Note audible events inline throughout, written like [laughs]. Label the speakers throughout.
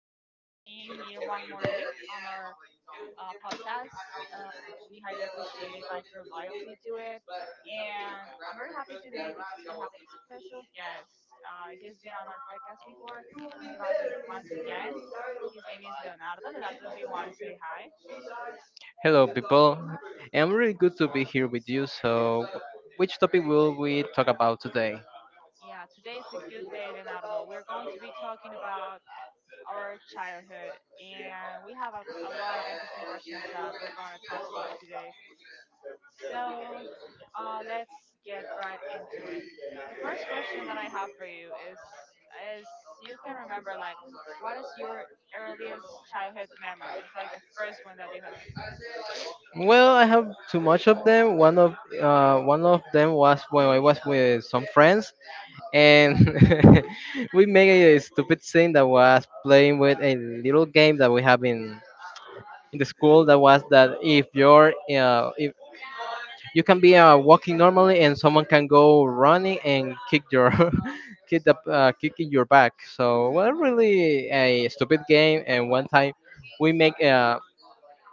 Speaker 1: you so much for being here one more week on our podcast. Uh, we highly appreciate like your loyalty to it, and I'm very happy today because we have a special guest. He has been on our podcast before, and he was it once again. His name is Leonardo. Leonardo, do you want to say hi?
Speaker 2: Hello, people. I'm really good to be here with you. So, which topic will we talk about today?
Speaker 1: Yeah, today is a good day, Leonardo. We're going to be talking about our childhood, and we have a lot of interesting questions that we're going to talk about today. So let's get right into it. The first question that I have for you is is you can remember like what is your earliest childhood memory, like the first one that you have?
Speaker 2: Well, I have too much of them. One of them was when I was with some friends, and [laughs] we made a stupid thing that was playing with a little game that we have in the school. That was that if your you can be walking normally, and someone can go running and kick your [laughs] kick the kick in your back. So well,
Speaker 1: Mm-hmm.
Speaker 2: really a stupid game. And one time we make uh,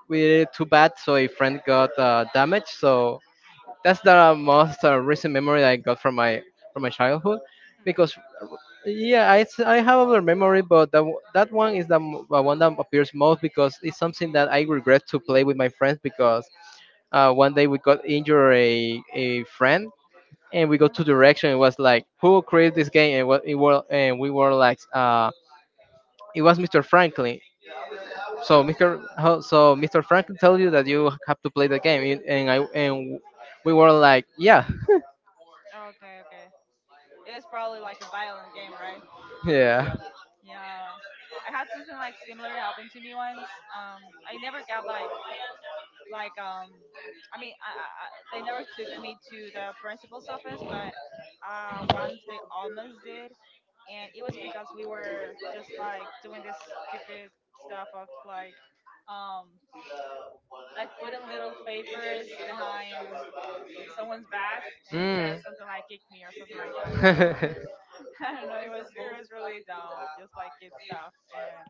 Speaker 2: we did it too bad, so a friend got damaged. So that's the most recent memory that I got from my childhood, because
Speaker 1: Mm-hmm.
Speaker 2: yeah, I have other memory, but that one is the one that appears most, because it's something that I regret to play with my friends because one day we got injured a friend, and we go to
Speaker 1: Mm.
Speaker 2: direction. It was like who created this game, and what it was, and we were like, it was Mr. Franklin. So Mr. Franklin told you that you have to play the game, and we were like, yeah,
Speaker 1: Okay, okay. It was probably like a violent game, right?
Speaker 2: [laughs] yeah.
Speaker 1: Yeah. I had something like similar happen to me once. I never got like like um they never took me to the principal's office, but once they almost did, and it was because we were just like doing this stupid stuff of um like putting little papers behind someone's back, and it said
Speaker 2: Mm.
Speaker 1: something like kick me or something like that. So
Speaker 2: [laughs]
Speaker 1: [laughs] I don't know, it was really dumb, just like kid stuff. And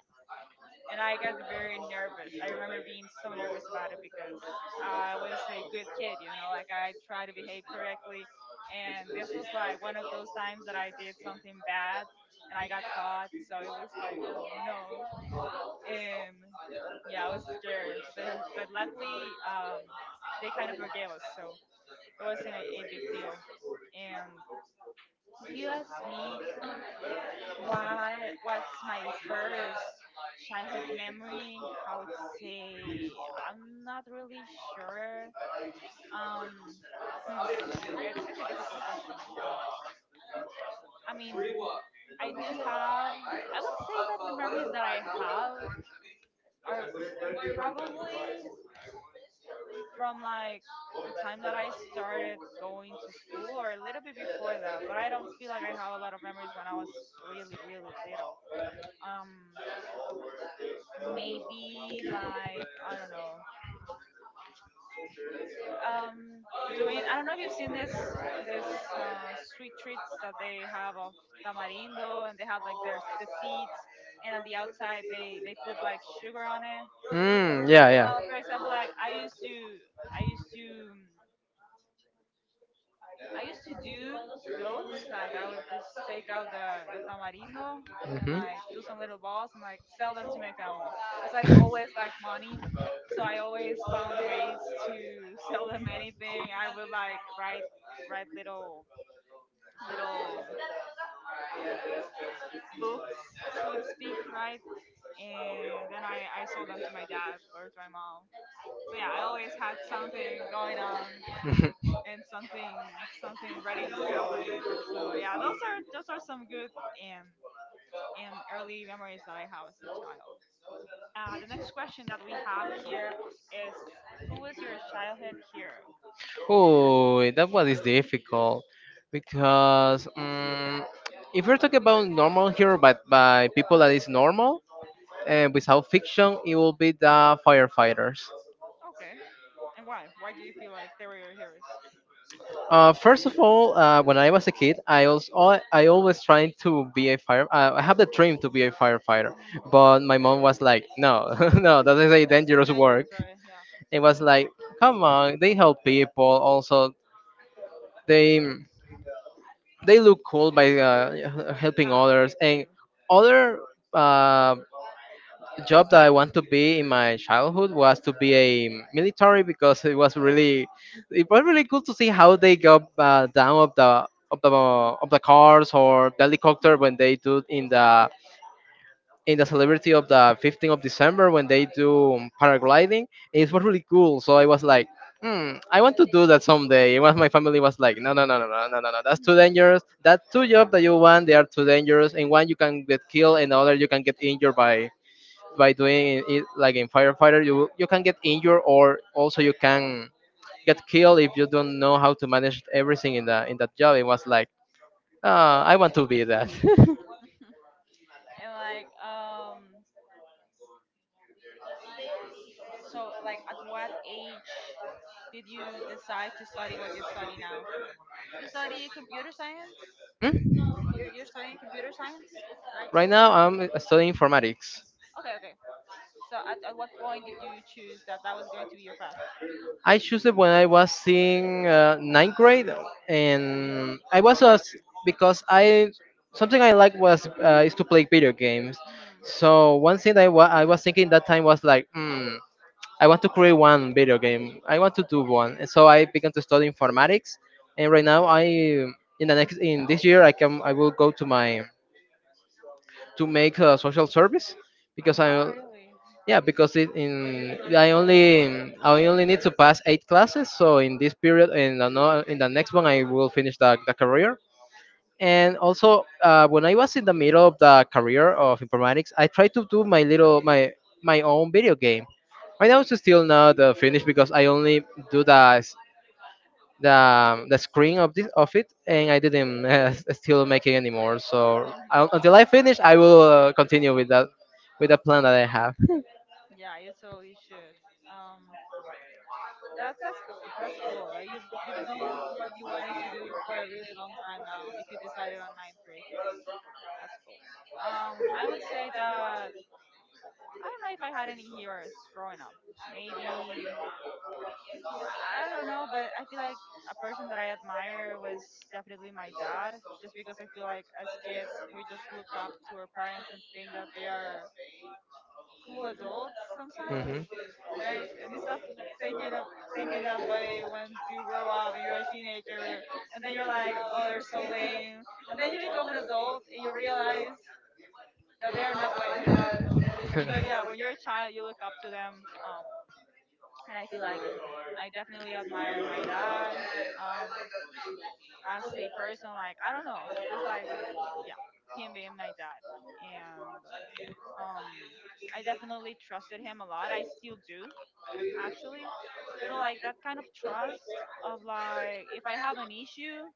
Speaker 1: I got very nervous. I remember being so nervous about it because I was a good kid, you know, like I try to behave correctly. And this was like one of those times that I did something bad and I got caught. So it was like, oh no. And yeah, I was scared. But luckily, they kind of forgave us. So it wasn't a big deal. And if you ask me, what was my first childhood memory? I would say I'm not really sure. Um, hmm, it's a difficult question. I mean, I do have. I would say that the memories that I have are probably from like the time that I started going to school or a little bit before that. But I don't feel like I have a lot of memories when I was really really little. Um, maybe like I don't know, um, doing. I don't know if you've seen this uh, sweet treats that they have of tamarindo, and they have like there's the seeds, and on the outside they put like sugar on it.
Speaker 2: Mm, yeah,
Speaker 1: Well, for example, like I used
Speaker 2: yeah.
Speaker 1: to. I used to do those. Like I would just take out the tamarindo and
Speaker 2: Mm-hmm.
Speaker 1: like do some
Speaker 2: [laughs]
Speaker 1: little balls and like sell them to my family because I've always liked money. So I always found ways to [laughs] sell them anything. I would like write little little books, so to speak, right? And then I sold them to my dad or to my mom. So yeah, I always had something going on
Speaker 2: on.
Speaker 1: and something ready to sell them. So yeah, those are some good and early memories that I have as a child. The next question that we have here is, who was your childhood hero?
Speaker 2: [laughs] Oh, that one is difficult, because if you're talking about normal hero, but by people that is normal and without fiction, it will be the firefighters.
Speaker 1: Okay, and why? Why do you feel like they were your heroes?
Speaker 2: First of all, when I was a kid, I always tried to be a fire. I have the dream to be a firefighter,
Speaker 1: Mm.
Speaker 2: but my mom was like, "No, [laughs] no, that is a
Speaker 1: Too
Speaker 2: dangerous work."
Speaker 1: dangerous, right? Yeah,
Speaker 2: It was like, "Come on, they help people. Also, they they look cool by helping
Speaker 1: yeah, they
Speaker 2: others
Speaker 1: do.
Speaker 2: and other." Um, Job that I want to be in my childhood was to be a military, because it was really cool to see how they go down of the cars or the helicopter, when they
Speaker 1: [laughs]
Speaker 2: do in the celebrity of the 15th of December, when they do paragliding. It was really cool. So I was like, hmm, I want to do that someday. It was my family was like, no, no, no, no, no, no, no, no. That's too dangerous. That two jobs that you want, they are too dangerous. And one you can get killed, and the other you can get injured by doing it, like in firefighter you can get injured, or also you can get killed if you don't know how to manage everything in the in that job. It was like, ah, I want to be that. [laughs]
Speaker 1: and like so like at what age did you decide to study what you study now? You study computer science?
Speaker 2: Hmm?
Speaker 1: You're studying computer science, right?
Speaker 2: Right
Speaker 1: Or
Speaker 2: now
Speaker 1: not?
Speaker 2: I'm studying informatics.
Speaker 1: Okay, okay. So at what point did you choose that that was going to be your path?
Speaker 2: I chose it when I was in ninth grade, and I was because I, something I like was is to play video games.
Speaker 1: Hmm.
Speaker 2: So one thing that I was thinking that time was like, I want to create one video game. I want to do one. And so I began to study informatics, and right now I in the next in this year I will go to my to make a social service, because
Speaker 1: Oh,
Speaker 2: I
Speaker 1: really? [laughs]
Speaker 2: yeah, because it in I only need to pass eight classes. So in this period and in the next one I will finish the career. And also when I was in the middle of the career of informatics, I tried to do my little my my own video game. I know it's still not finished, because I only do the screen of this of it, and I didn't [laughs] still make it anymore. So un
Speaker 1: Mhm.
Speaker 2: until I finish, I will continue with that with the plan that I have.
Speaker 1: Yeah, you totally should. Um, that's that's cool. You've done what you wanted to do for a really long time now. If you decided on ninth grade, that's cool. I would say that I don't know if I had any heroes growing up. Maybe I don't know, but I feel like a person that I admire was definitely my dad, just because I feel like as kids we just look up to our parents and think that they are cool adults sometimes,
Speaker 2: Hmm.
Speaker 1: right? And you stop thinking of thinking that way when you grow up and you're a teenager, and then you're like, oh, they're so lame, and then you become an adult and you realize that they are not lame. [laughs] But yeah, when
Speaker 2: [laughs]
Speaker 1: you're a child you look up to them. And I feel like I definitely admire my dad um, as a person. Like I don't know, just like yeah, him being my dad, and um, I definitely trusted him a lot. I still do, actually. You know, like that kind of trust of like if I have an issue,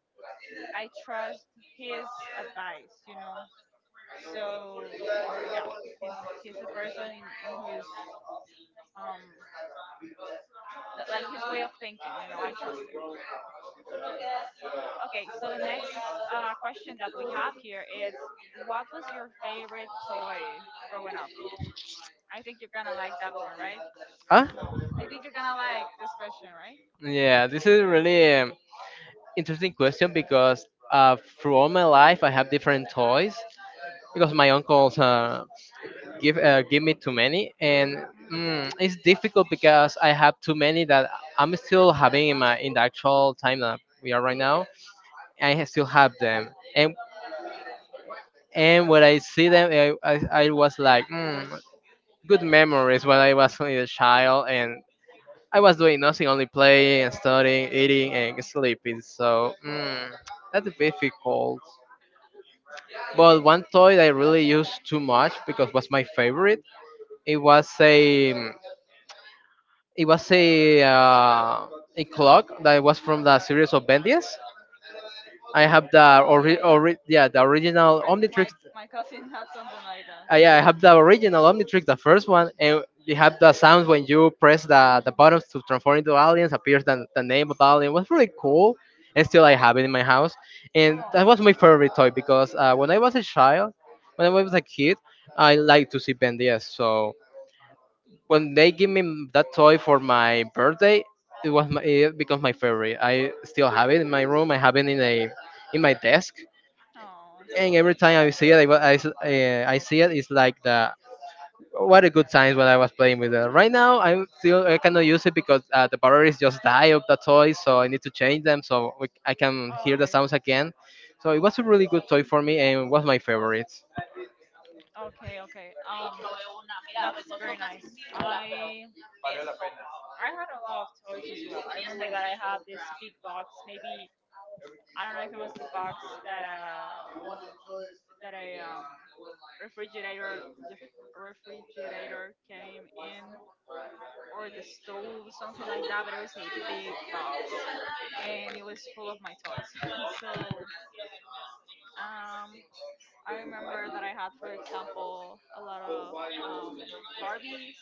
Speaker 1: I trust his advice. So yeah, he's he's a person in, whose um like his way of thinking. I trust it. Yeah. Okay, so the next question that we have here is what was your favorite toy growing up? I think you're gonna like that one, right?
Speaker 2: Huh?
Speaker 1: I think you're gonna like this question, right?
Speaker 2: Yeah, this is
Speaker 1: Okay.
Speaker 2: really interesting question, because throughout my life I have different toys, because my uncles give me too many. And
Speaker 1: Mm.
Speaker 2: it's difficult because I have too many, that I'm still having in my in the actual time that we are right now. I still have them, and when I see them, I was like, good memories when I was only a child, and I was doing nothing, only playing and studying, eating and sleeping. So that's difficult. But one toy that I really used too much because was my favorite, it was a It was a clock that was from the series of Bendies. I have the
Speaker 1: Oh yeah,
Speaker 2: ori-
Speaker 1: yeah.
Speaker 2: ori- yeah the original
Speaker 1: I think
Speaker 2: Omnitrix.
Speaker 1: my [laughs] cousin had something like that.
Speaker 2: Yeah, I have the original Omnitrix, the first one, and they have the sounds when you press the
Speaker 1: Mm.
Speaker 2: buttons to transform into aliens. Appears the name of the alien. It was really cool, and still I have it in my house. And
Speaker 1: Oh,
Speaker 2: that was my favorite toy because when I was a kid, I liked to see Bendies. So when they give that toy for my birthday, it becomes my favorite. I still have it in my room. I have it in a in my desk,
Speaker 1: oh.
Speaker 2: and every time I see it, I wa- I, s- eh, I see it. It's like the what a good times when I was playing with it. Right now, I cannot use it, because the batteries just die of the toy, so I need to change them, so I can hear the
Speaker 1: [laughs] okay,
Speaker 2: sounds again. So it was a really good toy for me, and it was my favorite.
Speaker 1: okay. That's very nice. I I have a lot of toys as well. I remember that I had this big box. Maybe I don't know if it was the box that that a refrigerator refrigerator came in, or the stove, something like that. But it was a big box and it was full of my toys. [laughs] So um I remember that I had, for example, a lot of um Barbies.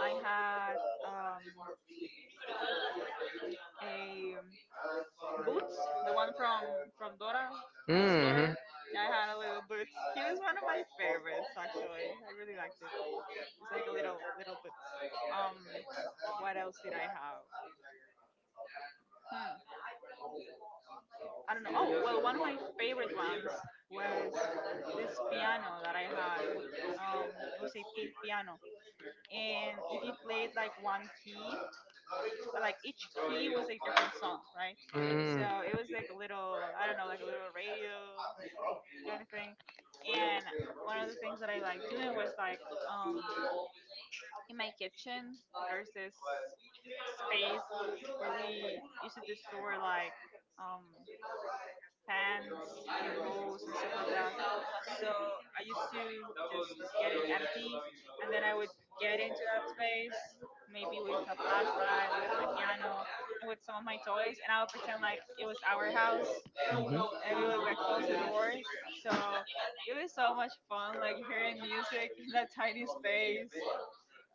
Speaker 1: I had um a Boots, the one from Dora the
Speaker 2: Hmm.
Speaker 1: Explorer. Yeah, I had a little Boots. He was one of my favorites, actually. I really liked it. It's like a little Boots. Um, what else did I have? Hmm. I don't know. Oh well, one of my favorite ones was this piano that I had. Um, it was a pink piano, and if you played like one key, like each key was a different song, right? So
Speaker 2: Mm.
Speaker 1: it was like a little, I don't know, like a little radio kind of thing. And one of the things that I liked doing was like um, in my kitchen, there's this space where we used to store like um, pans and bowls and stuff like that. So I used to just get it empty, and then I would get into place, maybe with a flashlight, with my piano, and with some of my toys, and I would pretend like it was our house, and
Speaker 2: Mhm.
Speaker 1: we would like close the doors. So it was so much fun, like hearing music in that tiny space,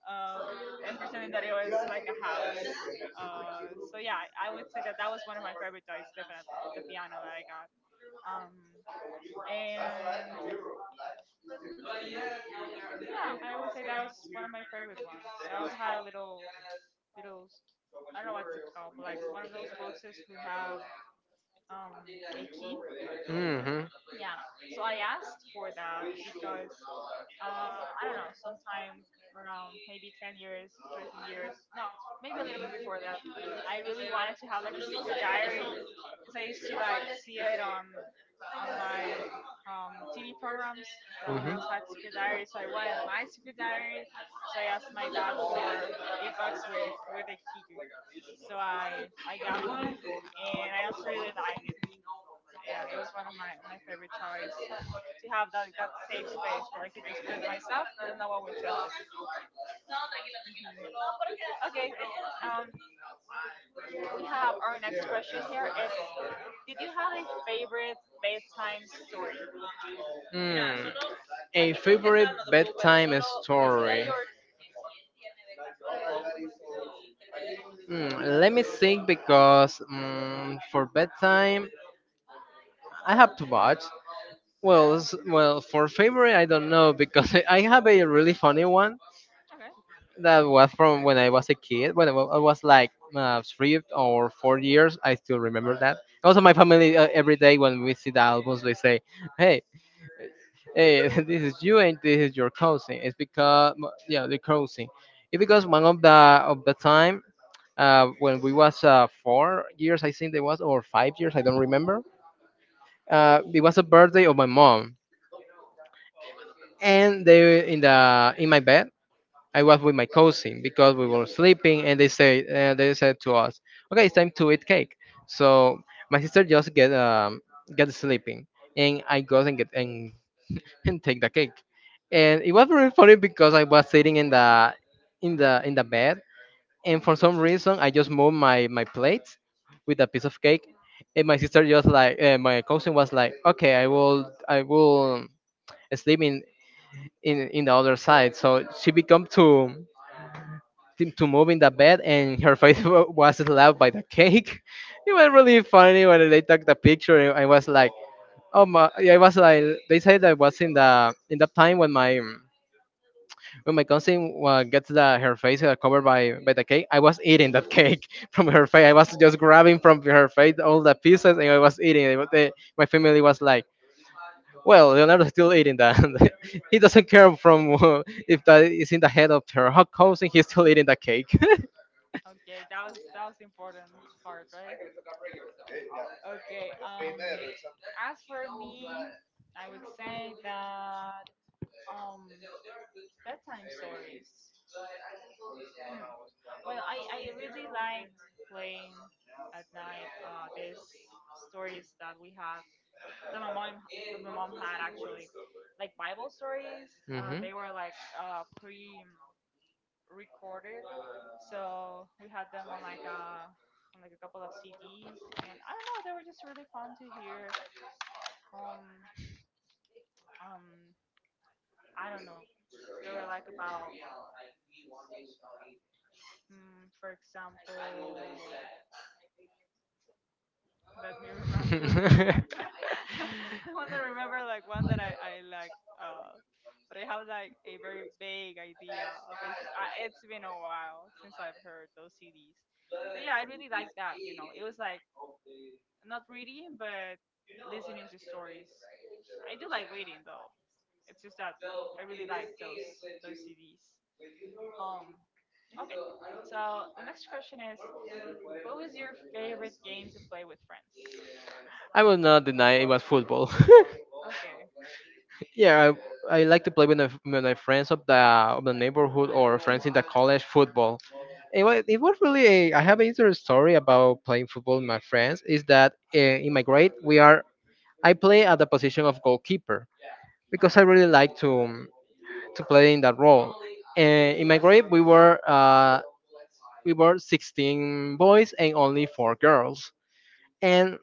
Speaker 1: um, and pretending that it was like a house. So yeah, I would say that that was one of my favorite toys, definitely the piano that I got. Um, and yeah, I would say that was one of my favorite ones. I also had a little, little, I don't know what's it called, but like one of those boxes who have um a key.
Speaker 2: Mhm.
Speaker 1: Yeah, so I asked for that because um, sometime around maybe 10 years, 13 years, no, maybe a little bit before that. I really wanted to have like a secret diary because I used to like see it on like TV programs that
Speaker 2: Mhm.
Speaker 1: girls had secret diaries. So I wanted my secret diary. So I asked my dad for $8 note with a key. So I got one, and I also really liked it. Yeah, it was one of my favorite toys to have that big space where I could just put my stuff and no one would touch it. Mhm. Okay, um, we have our next question here. It's did you have a favorite bedtime story?
Speaker 2: Mm. A favorite bedtime story. Let me think, because for bedtime I have to watch. Well, for favorite I don't know, because [laughs] I have a really funny one.
Speaker 1: Okay.
Speaker 2: That was from when I was a kid. When I was like 3 or 4 years, I still remember that. Also, my family every day when we see the albums, they say, "Hey, hey, [laughs] this is you and this is your cousin." It's because yeah, the cousin. It's because one of the time when we was 4 years, I think they was, or 5 years, I don't remember. It was a birthday of my mom, and they in the in my bed I
Speaker 1: Hmm.
Speaker 2: was with my cousin, because we were sleeping, and they said to us, "Okay, it's time to eat cake." So my sister just get sleeping, and I go [laughs] and take the cake, and it was very funny because I was sitting in the bed, and for some
Speaker 1: hmm
Speaker 2: reason I just moved my plate with a piece of cake, and my cousin was like, "Okay, I will sleep in the other side." So she become to move in the bed, and her [laughs] face was slapped by the cake. [laughs] It was really funny when they took the picture. And I was like, oh my! Yeah, I was like, they said that was in the time when my cousin gets the her face covered by the cake. I was eating that cake [laughs] from her face. I was just grabbing from her face all the pieces, and I was eating it. But my family was like, well, Leonardo's still eating that. [laughs] He doesn't care from [laughs] if that is in the head of her cousin. He's still eating the cake.
Speaker 1: Okay, that was the important part, right? Okay. As for me, I would say that um bedtime stories. Hmm. Well, I really like playing at night these stories that we had that my mom that my mom had, actually, like Bible stories.
Speaker 2: [laughs] Mhm.
Speaker 1: They were like pre-recorded, so we had them on like a couple of CDs, and I don't know, they were just really fun to hear. Um, um, I don't know, they were like about, mm, for example. Let me remember.
Speaker 2: [laughs]
Speaker 1: [laughs] I want to remember like one that I like. But I have like a very vague idea of it. It's been a while since I've heard those CDs, but yeah, I really like that. You know, it was like not reading, but listening to stories. I do like reading though. It's just that I really like those CDs. Um. Okay. So the next question is, what was your favorite game to play with friends?
Speaker 2: I will not deny it was football.
Speaker 1: Okay.
Speaker 2: [laughs] Yeah, I like to play with my friends of the neighborhood, or
Speaker 1: Mm.
Speaker 2: friends in the college football. It was really a, I have an interesting story about playing football with my friends. Is that in my grade we are I play at the position of goalkeeper, because
Speaker 1: Okay.
Speaker 2: I really like to play in that role. And in my grade we were 16 boys and only four girls. And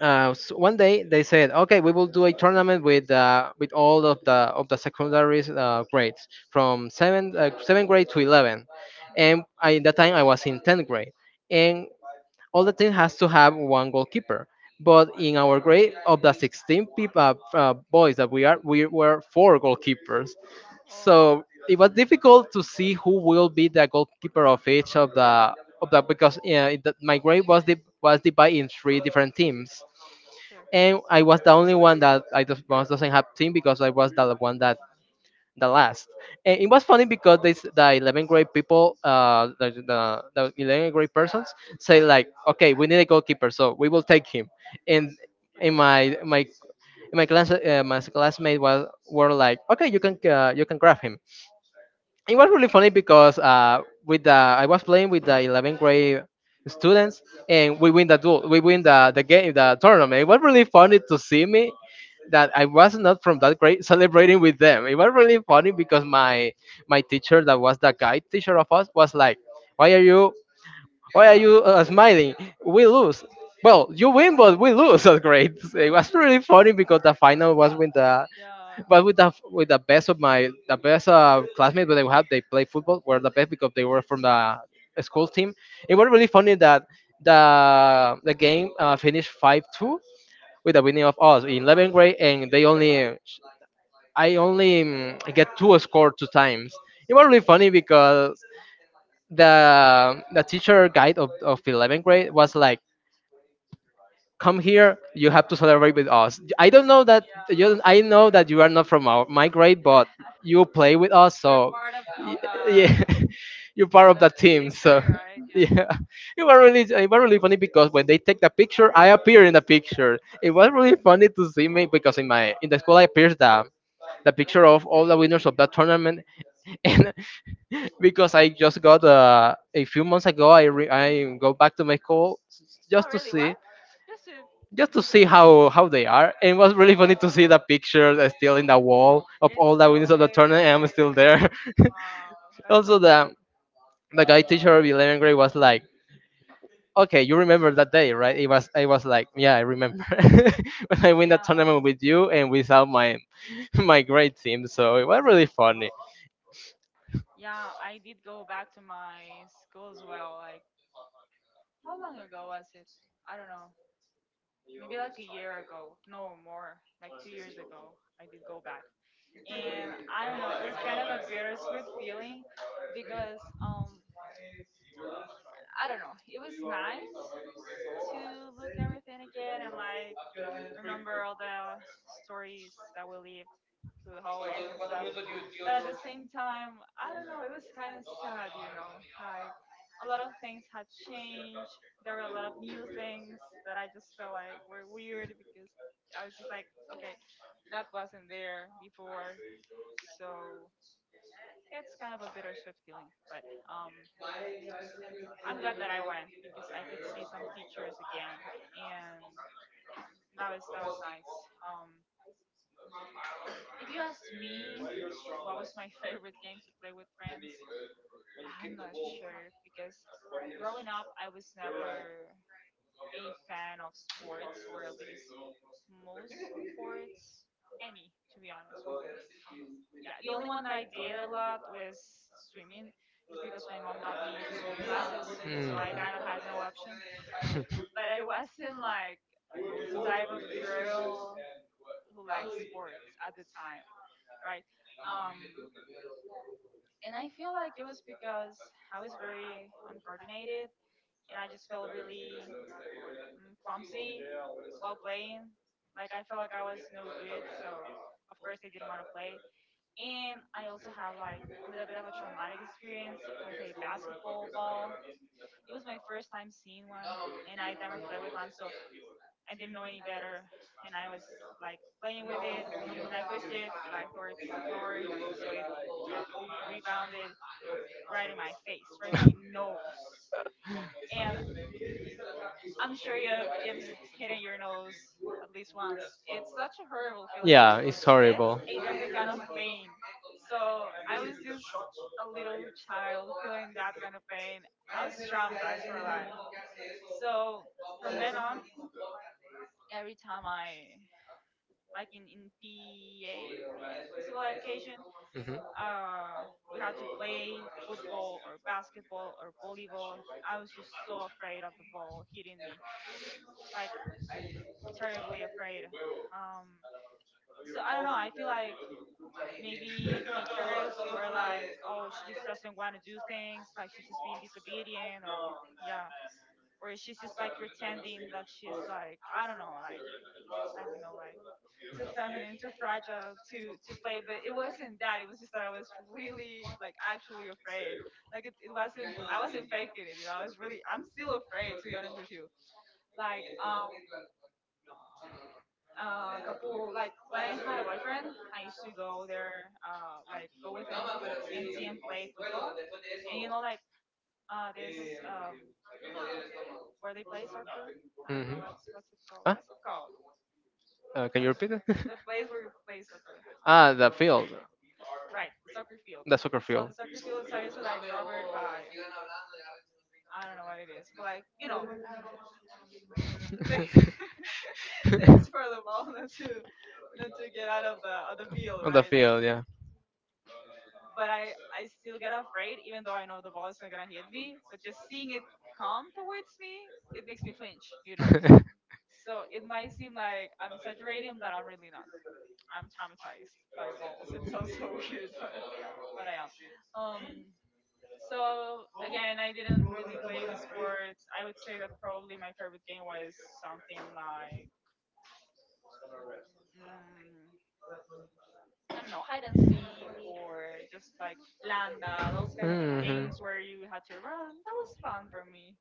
Speaker 2: s one day they said, "Okay, we will do a tournament with all of the secondary grades from seventh grade to 11." And
Speaker 1: Mhm.
Speaker 2: I, at that time, I was in 10th grade, and all the team has to have one goalkeeper. But in our grade of the 16 people, boys that we are, we were four goalkeepers.
Speaker 1: Oh,
Speaker 2: So it was difficult to see who will be the goalkeeper of each of the because my grade was divided in three different teams,
Speaker 1: sure.
Speaker 2: and I was the only one that I just, was doesn't have team because I was the one that the last. And it was funny because the 11th grade people, the 11th grade persons say like, okay, we need a goalkeeper, so we will take him. And in my my in my class, my classmate was were like, okay, you can grab him. It was really funny because with the I was playing with the 11th grade students, and we win the duel, we win the game, the tournament. It was really funny to see me that I was not from that grade [laughs] celebrating with them. It was really funny because my teacher that was the guy teacher of us was like, "Why are you smiling? We lose." Well, you win, but we lose. [laughs] That
Speaker 1: [laughs]
Speaker 2: grade. It
Speaker 1: Mhm.
Speaker 2: was really funny because the final
Speaker 1: So
Speaker 2: was with the
Speaker 1: yeah.
Speaker 2: but with the best of my the best classmates that I had, they play football. Were the best because they were from the school team. It was really funny that the game finished 5-2 with the winning of us in 11th grade, and they only I only mm, get two score two times. It was really
Speaker 1: Hmm.
Speaker 2: funny because the teacher guide of 11th grade was like, come here, you have to celebrate with us. I don't know that you I know that you are not from my grade, but you play with us
Speaker 1: We're
Speaker 2: so
Speaker 1: part of the,
Speaker 2: y-
Speaker 1: of the
Speaker 2: yeah. [laughs] You're part
Speaker 1: of
Speaker 2: of the
Speaker 1: the
Speaker 2: team so
Speaker 1: victory, right?
Speaker 2: [laughs]
Speaker 1: Yeah.
Speaker 2: yeah. It was really funny because when they take the picture I appear in the picture. It was really funny to see me because in my in the school I appeared the picture of all the winners of that tournament [laughs] and because I just got a few months ago I
Speaker 1: Mhm.
Speaker 2: go back to my school
Speaker 1: Oh,
Speaker 2: just to
Speaker 1: really? Why?
Speaker 2: see
Speaker 1: Just to look everything.
Speaker 2: how they are. And it was really funny to
Speaker 1: Oh,
Speaker 2: see the picture that's still in the wall of
Speaker 1: it's
Speaker 2: all the
Speaker 1: still
Speaker 2: winners of the
Speaker 1: there,
Speaker 2: tournament, and I'm still
Speaker 1: really.
Speaker 2: there.
Speaker 1: Wow,
Speaker 2: [laughs]
Speaker 1: that's so
Speaker 2: Also,
Speaker 1: good.
Speaker 2: the guy teacher of 11th grade was like, "Okay, you remember that day, right?" It was I was like, "Yeah, I remember [laughs] when I win the
Speaker 1: Yeah,
Speaker 2: tournament with you and without my [laughs] my grade team." So it was really funny.
Speaker 1: yeah, I did go back to my school as well. Like, how long ago was it? I don't know. Maybe like a year ago, no more, like 2 years ago, I did go back. And I don't know, it was kind of a bittersweet feeling because I don't know, it was nice to look everything again and like remember all the stories that we lived through the hallways and stuff. But at the same time, I don't know, it was kind of sad, like a lot of things had changed. There were a lot of new things that I just felt like were weird because I was just like, okay, that wasn't there before. So it's kind of a bittersweet feeling, but I'm glad that I went because I could see some teachers again, and that was nice. Um, If you ask me what was my [laughs] favorite game to play with friends, I'm not sure because growing up, I was never a fan of sports, or at least most sports, any, to be honest with you. Yeah, the only one that I did a lot was swimming, just because my mom got me into swimming classes,
Speaker 2: Mm.
Speaker 1: so I kind of had no option. But I [laughs] wasn't like the type of girl who likes sports at the time, right? Um, and I feel like it was because I was very uncoordinated and I just felt really clumsy while playing. Like I felt like I was no good, so of course I didn't want to play. And I also had like a little bit of a traumatic experience with a basketball ball. It was my first time seeing one, and I'd never played with one, so I didn't know any better. And I was like playing with it, and I pushed it like towards the floor, so it rebounded right in my face, right in my nose.
Speaker 2: [laughs]
Speaker 1: And I'm sure you have it hitting your nose at least once. It's such a horrible feeling.
Speaker 2: Yeah, it's
Speaker 1: It's
Speaker 2: horrible.
Speaker 1: a different kind of pain. So I was just a little child feeling that kind of pain. I was traumatized for life. So from then on, every time I like in PA, PA, physical education,
Speaker 2: Mhm.
Speaker 1: uh, we had to play football or basketball or volleyball. I was just so afraid of the ball hitting me, like terribly afraid. Um, so I don't know. I feel like maybe teachers were like, "Oh, she just doesn't want to do things. Like she's just being disobedient, or yeah, or she's just like pretending that she's like I don't know, like like too feminine, too fragile to play. But it wasn't that. It was just that I was really like actually afraid. Like it wasn't. I wasn't faking it. You know, I was really. I'm still afraid to be honest with you. Like couple like when I had a boyfriend, I used to go there like go with him and see him play football. And like this um where they play soccer. I don't know
Speaker 2: Hmm.
Speaker 1: what's it called.
Speaker 2: Huh?
Speaker 1: What's it called?
Speaker 2: Can
Speaker 1: I
Speaker 2: you
Speaker 1: mean
Speaker 2: repeat it?
Speaker 1: the place where you play soccer.
Speaker 2: [laughs]
Speaker 1: I
Speaker 2: Ah,
Speaker 1: don't
Speaker 2: the
Speaker 1: know. What's
Speaker 2: field,
Speaker 1: it. Right, the soccer field.
Speaker 2: the soccer
Speaker 1: So
Speaker 2: field.
Speaker 1: the
Speaker 2: [laughs]
Speaker 1: soccer field is obviously like covered by I don't know what it is, but like you know, [laughs] thing, things for the ball not to get out of the field,
Speaker 2: On the
Speaker 1: right?
Speaker 2: field, yeah.
Speaker 1: But I still get afraid, even though I know the ball is not gonna hit me. But just seeing it come towards me, it makes me flinch, you know.
Speaker 2: [laughs]
Speaker 1: So it might seem like I'm exaggerating, but I'm really not. I'm traumatized by balls. It sounds so [laughs] weird, but I am. Um, so again, I didn't. Playing sports, I would say that probably my favorite game was something like mm, I don't know, hide and seek, or just like landa, those kind of
Speaker 2: Mhm.
Speaker 1: games where you had to run. That was fun for me.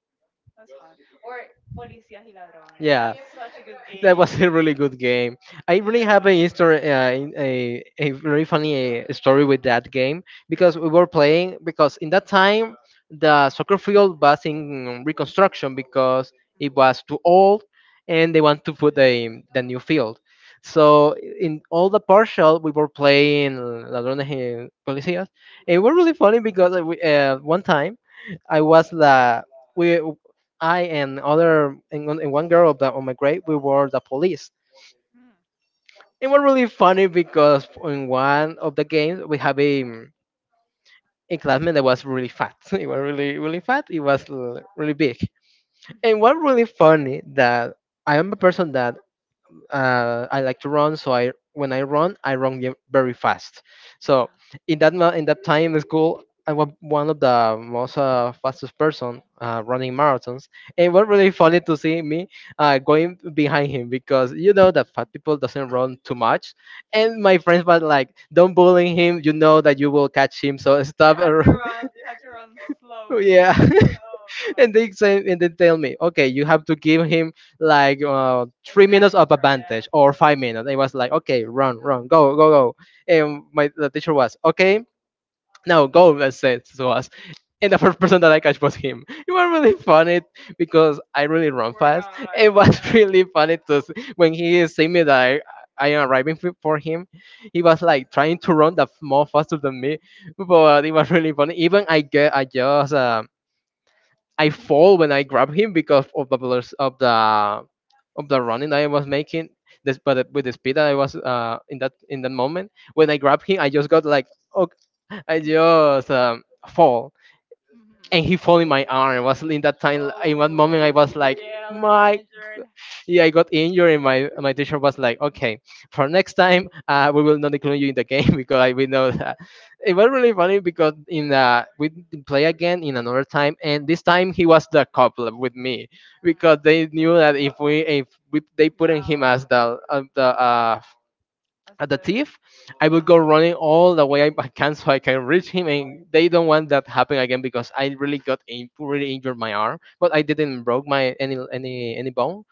Speaker 1: That was fun. Or Policías y Ladrones.
Speaker 2: Yeah,
Speaker 1: That's such a good
Speaker 2: that
Speaker 1: game.
Speaker 2: was a really good game. I really
Speaker 1: Yeah,
Speaker 2: have a history, a very funny story with that game, because
Speaker 1: really.
Speaker 2: we were playing because in that time the soccer field was in reconstruction because it
Speaker 1: Mm.
Speaker 2: was too old and they want to put the new field. So in all the partial we were playing Ladrones y Policías. It was really funny because one time I was the we I and other and one girl that on my grade, we were the police.
Speaker 1: Mm. [laughs]
Speaker 2: It was really funny because in one of the games we have a a classmate that was really fat. [laughs] He was really fat. He was really big.
Speaker 1: Mhm.
Speaker 2: And what really funny that I am a person that I like to run, so I when I run very fast. So
Speaker 1: Mm.
Speaker 2: in that time in school, I was one of the most fastest person running marathons. And it was really funny to see me going behind him because you know that fat people doesn't run too much. And my
Speaker 1: Mhm.
Speaker 2: friends
Speaker 1: [laughs]
Speaker 2: were like, "Don't bully him. You know that you will catch him. So [laughs]
Speaker 1: You
Speaker 2: stop."
Speaker 1: had
Speaker 2: and
Speaker 1: to
Speaker 2: run."
Speaker 1: run. You had to [laughs] run
Speaker 2: [laughs]
Speaker 1: slowly
Speaker 2: Yeah.
Speaker 1: and
Speaker 2: [laughs] And they say and they tell me, okay, you have to give him like 3 minutes
Speaker 1: vanish.
Speaker 2: of advantage or 5 minutes. It was like, okay, run, run, go, go, go. And my the teacher was, okay, now go, let's say to us. And the [laughs] first person that I catch was him. It was really funny because I really run
Speaker 1: Poor
Speaker 2: fast.
Speaker 1: guy.
Speaker 2: It was
Speaker 1: Yeah.
Speaker 2: [laughs] really funny to when he see me that I am arriving for him. He was like trying to run the more faster than me, but it was really funny. Even I get I fall when I grab him because of the of the running that I was making. This, but the- with the speed that I was in that moment, when I grab him, I just got like, oh, I just fall,
Speaker 1: Hmm.
Speaker 2: and he fell in my arm. It wasn't in that time. In one moment,
Speaker 1: Oh,
Speaker 2: I was like,
Speaker 1: yeah, a little bit
Speaker 2: my, g-"
Speaker 1: injured.
Speaker 2: yeah, I got injured, and my teacher was like, okay, for next time, we will not include you in the game [laughs] because I, we know that it was really funny because in we did play again in another time, and this time he was the couple with me because they
Speaker 1: Mm.
Speaker 2: knew that if we, they put
Speaker 1: Yeah,
Speaker 2: him as the
Speaker 1: as
Speaker 2: at the
Speaker 1: a
Speaker 2: thief, I would
Speaker 1: yeah.
Speaker 2: go running all the way I can so I can reach him, and they don't want that happen again because I really got in, really injured my arm, but I didn't broke my any bone.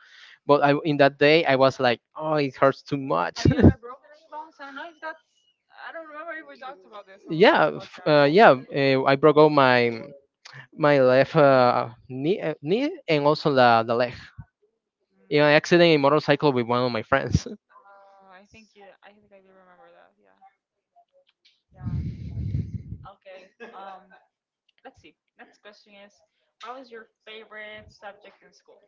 Speaker 2: But I in that day I was like, oh, it hurts too
Speaker 1: Have
Speaker 2: much.
Speaker 1: you ever broken any bones? I don't know if that's. I don't remember if we talked about this
Speaker 2: [laughs]
Speaker 1: on the last
Speaker 2: Yeah,
Speaker 1: podcast.
Speaker 2: yeah, I broke out my my left
Speaker 1: Your knee?
Speaker 2: knee, and also the leg
Speaker 1: Mm.
Speaker 2: in
Speaker 1: Oh,
Speaker 2: an accident in motorcycle with one of my friends. [laughs]
Speaker 1: I think you. I think I do remember that. Yeah. Yeah. Okay. [laughs] Um, let's see. Next question is, what was your favorite subject in school?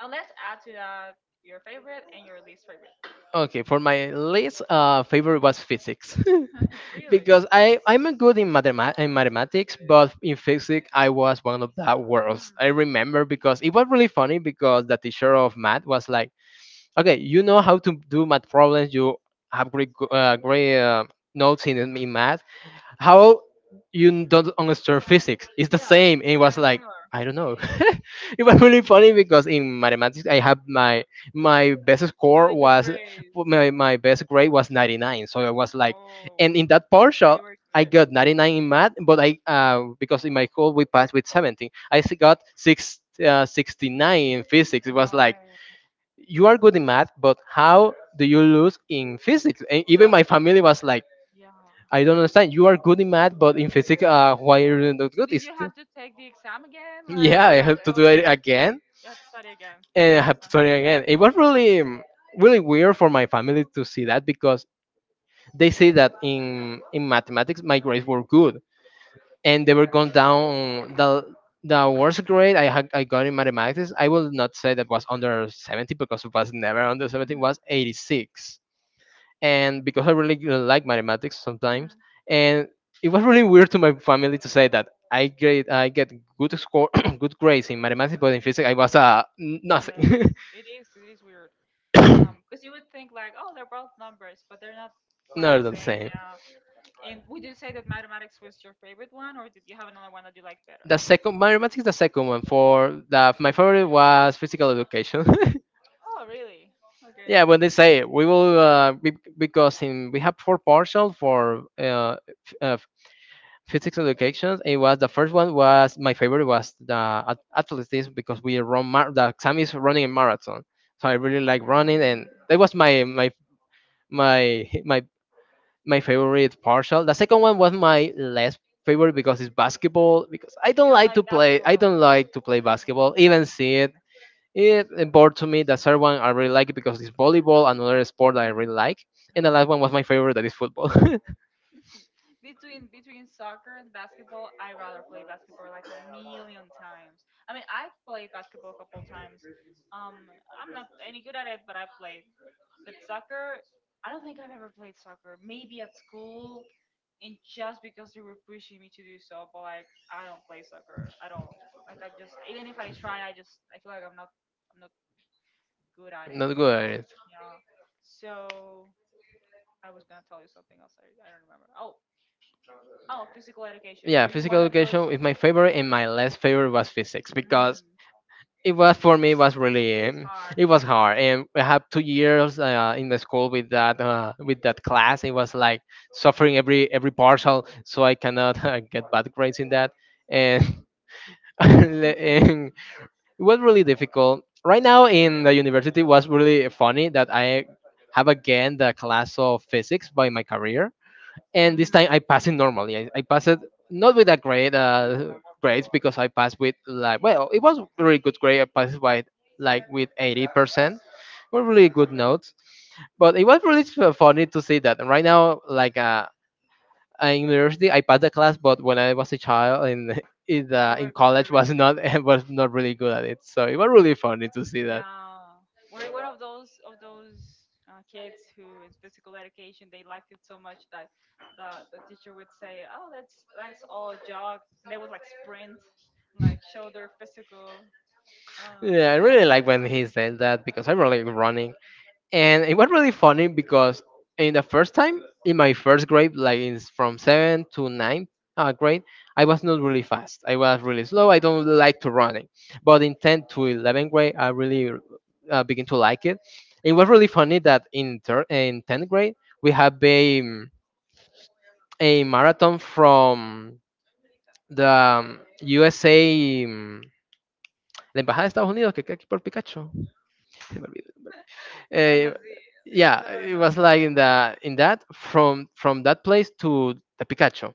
Speaker 1: And let's add to that your favorite and your least favorite.
Speaker 2: Okay, for my least favorite was physics
Speaker 1: [laughs]
Speaker 2: [laughs]
Speaker 1: Really?
Speaker 2: because I'm a good in mathematics, but in physics I was one of the worst.
Speaker 1: Mm,
Speaker 2: I remember because it was really funny because the teacher of math was like, "Okay, you know how to do math problems. You have great notes in math, how you don't understand physics? It's the
Speaker 1: yeah,
Speaker 2: same." And
Speaker 1: it's
Speaker 2: it was
Speaker 1: kind of
Speaker 2: like,
Speaker 1: similar.
Speaker 2: I don't know. [laughs] It was really funny because in mathematics I had my best score
Speaker 1: Really good
Speaker 2: was
Speaker 1: grades.
Speaker 2: my best grade was 99. So I was like,
Speaker 1: Oh,
Speaker 2: and in that
Speaker 1: yeah,
Speaker 2: partial
Speaker 1: you were
Speaker 2: I
Speaker 1: good.
Speaker 2: got 99 in math. But I because in my school we passed with 17, I got 69 in physics. It was
Speaker 1: No
Speaker 2: like,
Speaker 1: way.
Speaker 2: you are good in math, but how do you lose in physics? And
Speaker 1: So,
Speaker 2: even my family was like,
Speaker 1: yeah.
Speaker 2: I don't understand. You are good in math, but in physics, why are you not
Speaker 1: So
Speaker 2: good?
Speaker 1: did
Speaker 2: It's,
Speaker 1: you have to take the exam again? Like,
Speaker 2: yeah, I
Speaker 1: what
Speaker 2: have
Speaker 1: happened?
Speaker 2: to
Speaker 1: Oh,
Speaker 2: do it
Speaker 1: you
Speaker 2: again,
Speaker 1: had to study again for
Speaker 2: and I
Speaker 1: an
Speaker 2: have to
Speaker 1: exam.
Speaker 2: turn it again. It was really, really weird for my family to see that because they say that in mathematics my grades were good and they were going down. The worst grade I got in mathematics, I will not say that was under 70, because it was never under 70. It
Speaker 1: Mhm.
Speaker 2: was 86. And because I really like mathematics sometimes,
Speaker 1: Mhm.
Speaker 2: and it was really weird to my family to say that I get good score, [clears throat] good grades in mathematics, but in physics I was
Speaker 1: Yes,
Speaker 2: nothing,
Speaker 1: it is. It is weird. Because you would think like, oh, they're both numbers, but they're not
Speaker 2: [laughs]
Speaker 1: quite
Speaker 2: not
Speaker 1: the
Speaker 2: the
Speaker 1: same.
Speaker 2: same.
Speaker 1: Yeah. And would you say that mathematics was your favorite one, or did you have another one that you liked better?
Speaker 2: The second mathematics, is the second one for the my favorite was physical education. [laughs]
Speaker 1: Oh, really? Okay.
Speaker 2: Yeah, when
Speaker 1: Mm,
Speaker 2: they say we will be, because in we have four partial for f- uh, physics education. It was the first one was my favorite was the athleticism because we run the exam is running a marathon, so I really like running, and that was my [laughs] my favorite partial. The second one was my less favorite because it's basketball, because I don't
Speaker 1: you don't
Speaker 2: like to
Speaker 1: like
Speaker 2: play
Speaker 1: basketball. [laughs]
Speaker 2: basketball, even see it. It bored to me. The third one I really like it because it's volleyball, another sport that I
Speaker 1: Okay.
Speaker 2: really like, and the
Speaker 1: Mhm.
Speaker 2: last one was my favorite that is football. [laughs]
Speaker 1: Between between soccer and basketball, I rather play basketball like a million times. I mean, I played basketball a couple times. Um, I'm not any good at it, but I played. But soccer, I don't think I've ever played soccer. Maybe at school, and just because they were pushing me to do so, but like I don't play soccer at all. Like I'm just even if I try, I just I feel like I'm not good at it
Speaker 2: Not good
Speaker 1: at
Speaker 2: at
Speaker 1: all.
Speaker 2: it.
Speaker 1: Yeah. So I was gonna tell you something else. I don't remember. Oh, oh, physical education.
Speaker 2: Yeah,
Speaker 1: Were you
Speaker 2: physical
Speaker 1: one of those?
Speaker 2: education is my favorite, and my less favorite was physics because
Speaker 1: Mhm.
Speaker 2: it was for me it was really
Speaker 1: It is hard.
Speaker 2: it was hard, and I had 2 years in the school with that class. It was like suffering every partial, so I cannot [laughs] get bad grades in that. And, [laughs] and it was really difficult. Right now
Speaker 1: Yeah.
Speaker 2: in the university, it was really funny that I have again the class of physics by my career, and this
Speaker 1: Mm.
Speaker 2: time I passed it normally. I passed it not with a great grades because I passed with like, well, it was really good grade. I passed by like with 80%, were really good notes. But it was really funny to see that. And right now, like, in university, I passed the class, but when I was a child in [laughs]
Speaker 1: You
Speaker 2: in
Speaker 1: were you
Speaker 2: college,
Speaker 1: were
Speaker 2: was
Speaker 1: really good.
Speaker 2: not [laughs] was not really good at it. So it was really funny to see that.
Speaker 1: Yeah, we're one of those kids who in physical education they liked it so much that the teacher would say, "Oh, that's all a jog." And they would like sprint, like show their physical. Um,
Speaker 2: Yeah, I really like when he says that because I'm really like running. And it was really funny because in the first time, in my first grade, like in, from 7 to 9 grade, I was not really fast. I was really
Speaker 1: [laughs]
Speaker 2: slow. I don't
Speaker 1: hmm.
Speaker 2: like to running. But in 10 to 11 grade, I really begin to like it. It was really funny that in, in 10th grade, we have a marathon from the USA, la Embajada de Estados Unidos, que queda aquí por Picacho. Uh,
Speaker 1: Embassy. It's
Speaker 2: yeah,
Speaker 1: literally.
Speaker 2: it was like in the in that from that place to the Pikachu.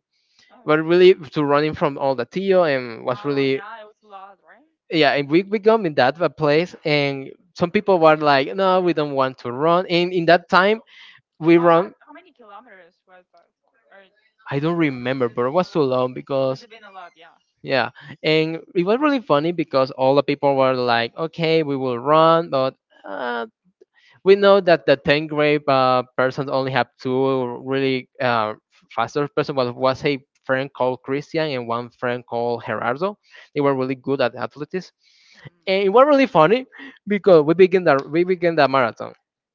Speaker 1: Oh.
Speaker 2: But really to running from all the Tio and was
Speaker 1: Wow.
Speaker 2: really
Speaker 1: Yeah, it was a lot, right?
Speaker 2: yeah, and we got in that place and some people were like, "No, we don't want to run," and in that time we
Speaker 1: How much?
Speaker 2: run.
Speaker 1: How many kilometers was that? Or
Speaker 2: I
Speaker 1: do you
Speaker 2: don't
Speaker 1: not remember?
Speaker 2: remember, but it was too long
Speaker 1: Must
Speaker 2: because
Speaker 1: have been a lot. Yeah.
Speaker 2: yeah, and it was really funny because all the people were like, "Okay, we will run," but uh, we know that the 10 grade persons only have two really faster person, but was a friend called Christian and one friend called Gerardo. They were really good at athletics.
Speaker 1: Mm.
Speaker 2: And it was really funny because we began the marathon,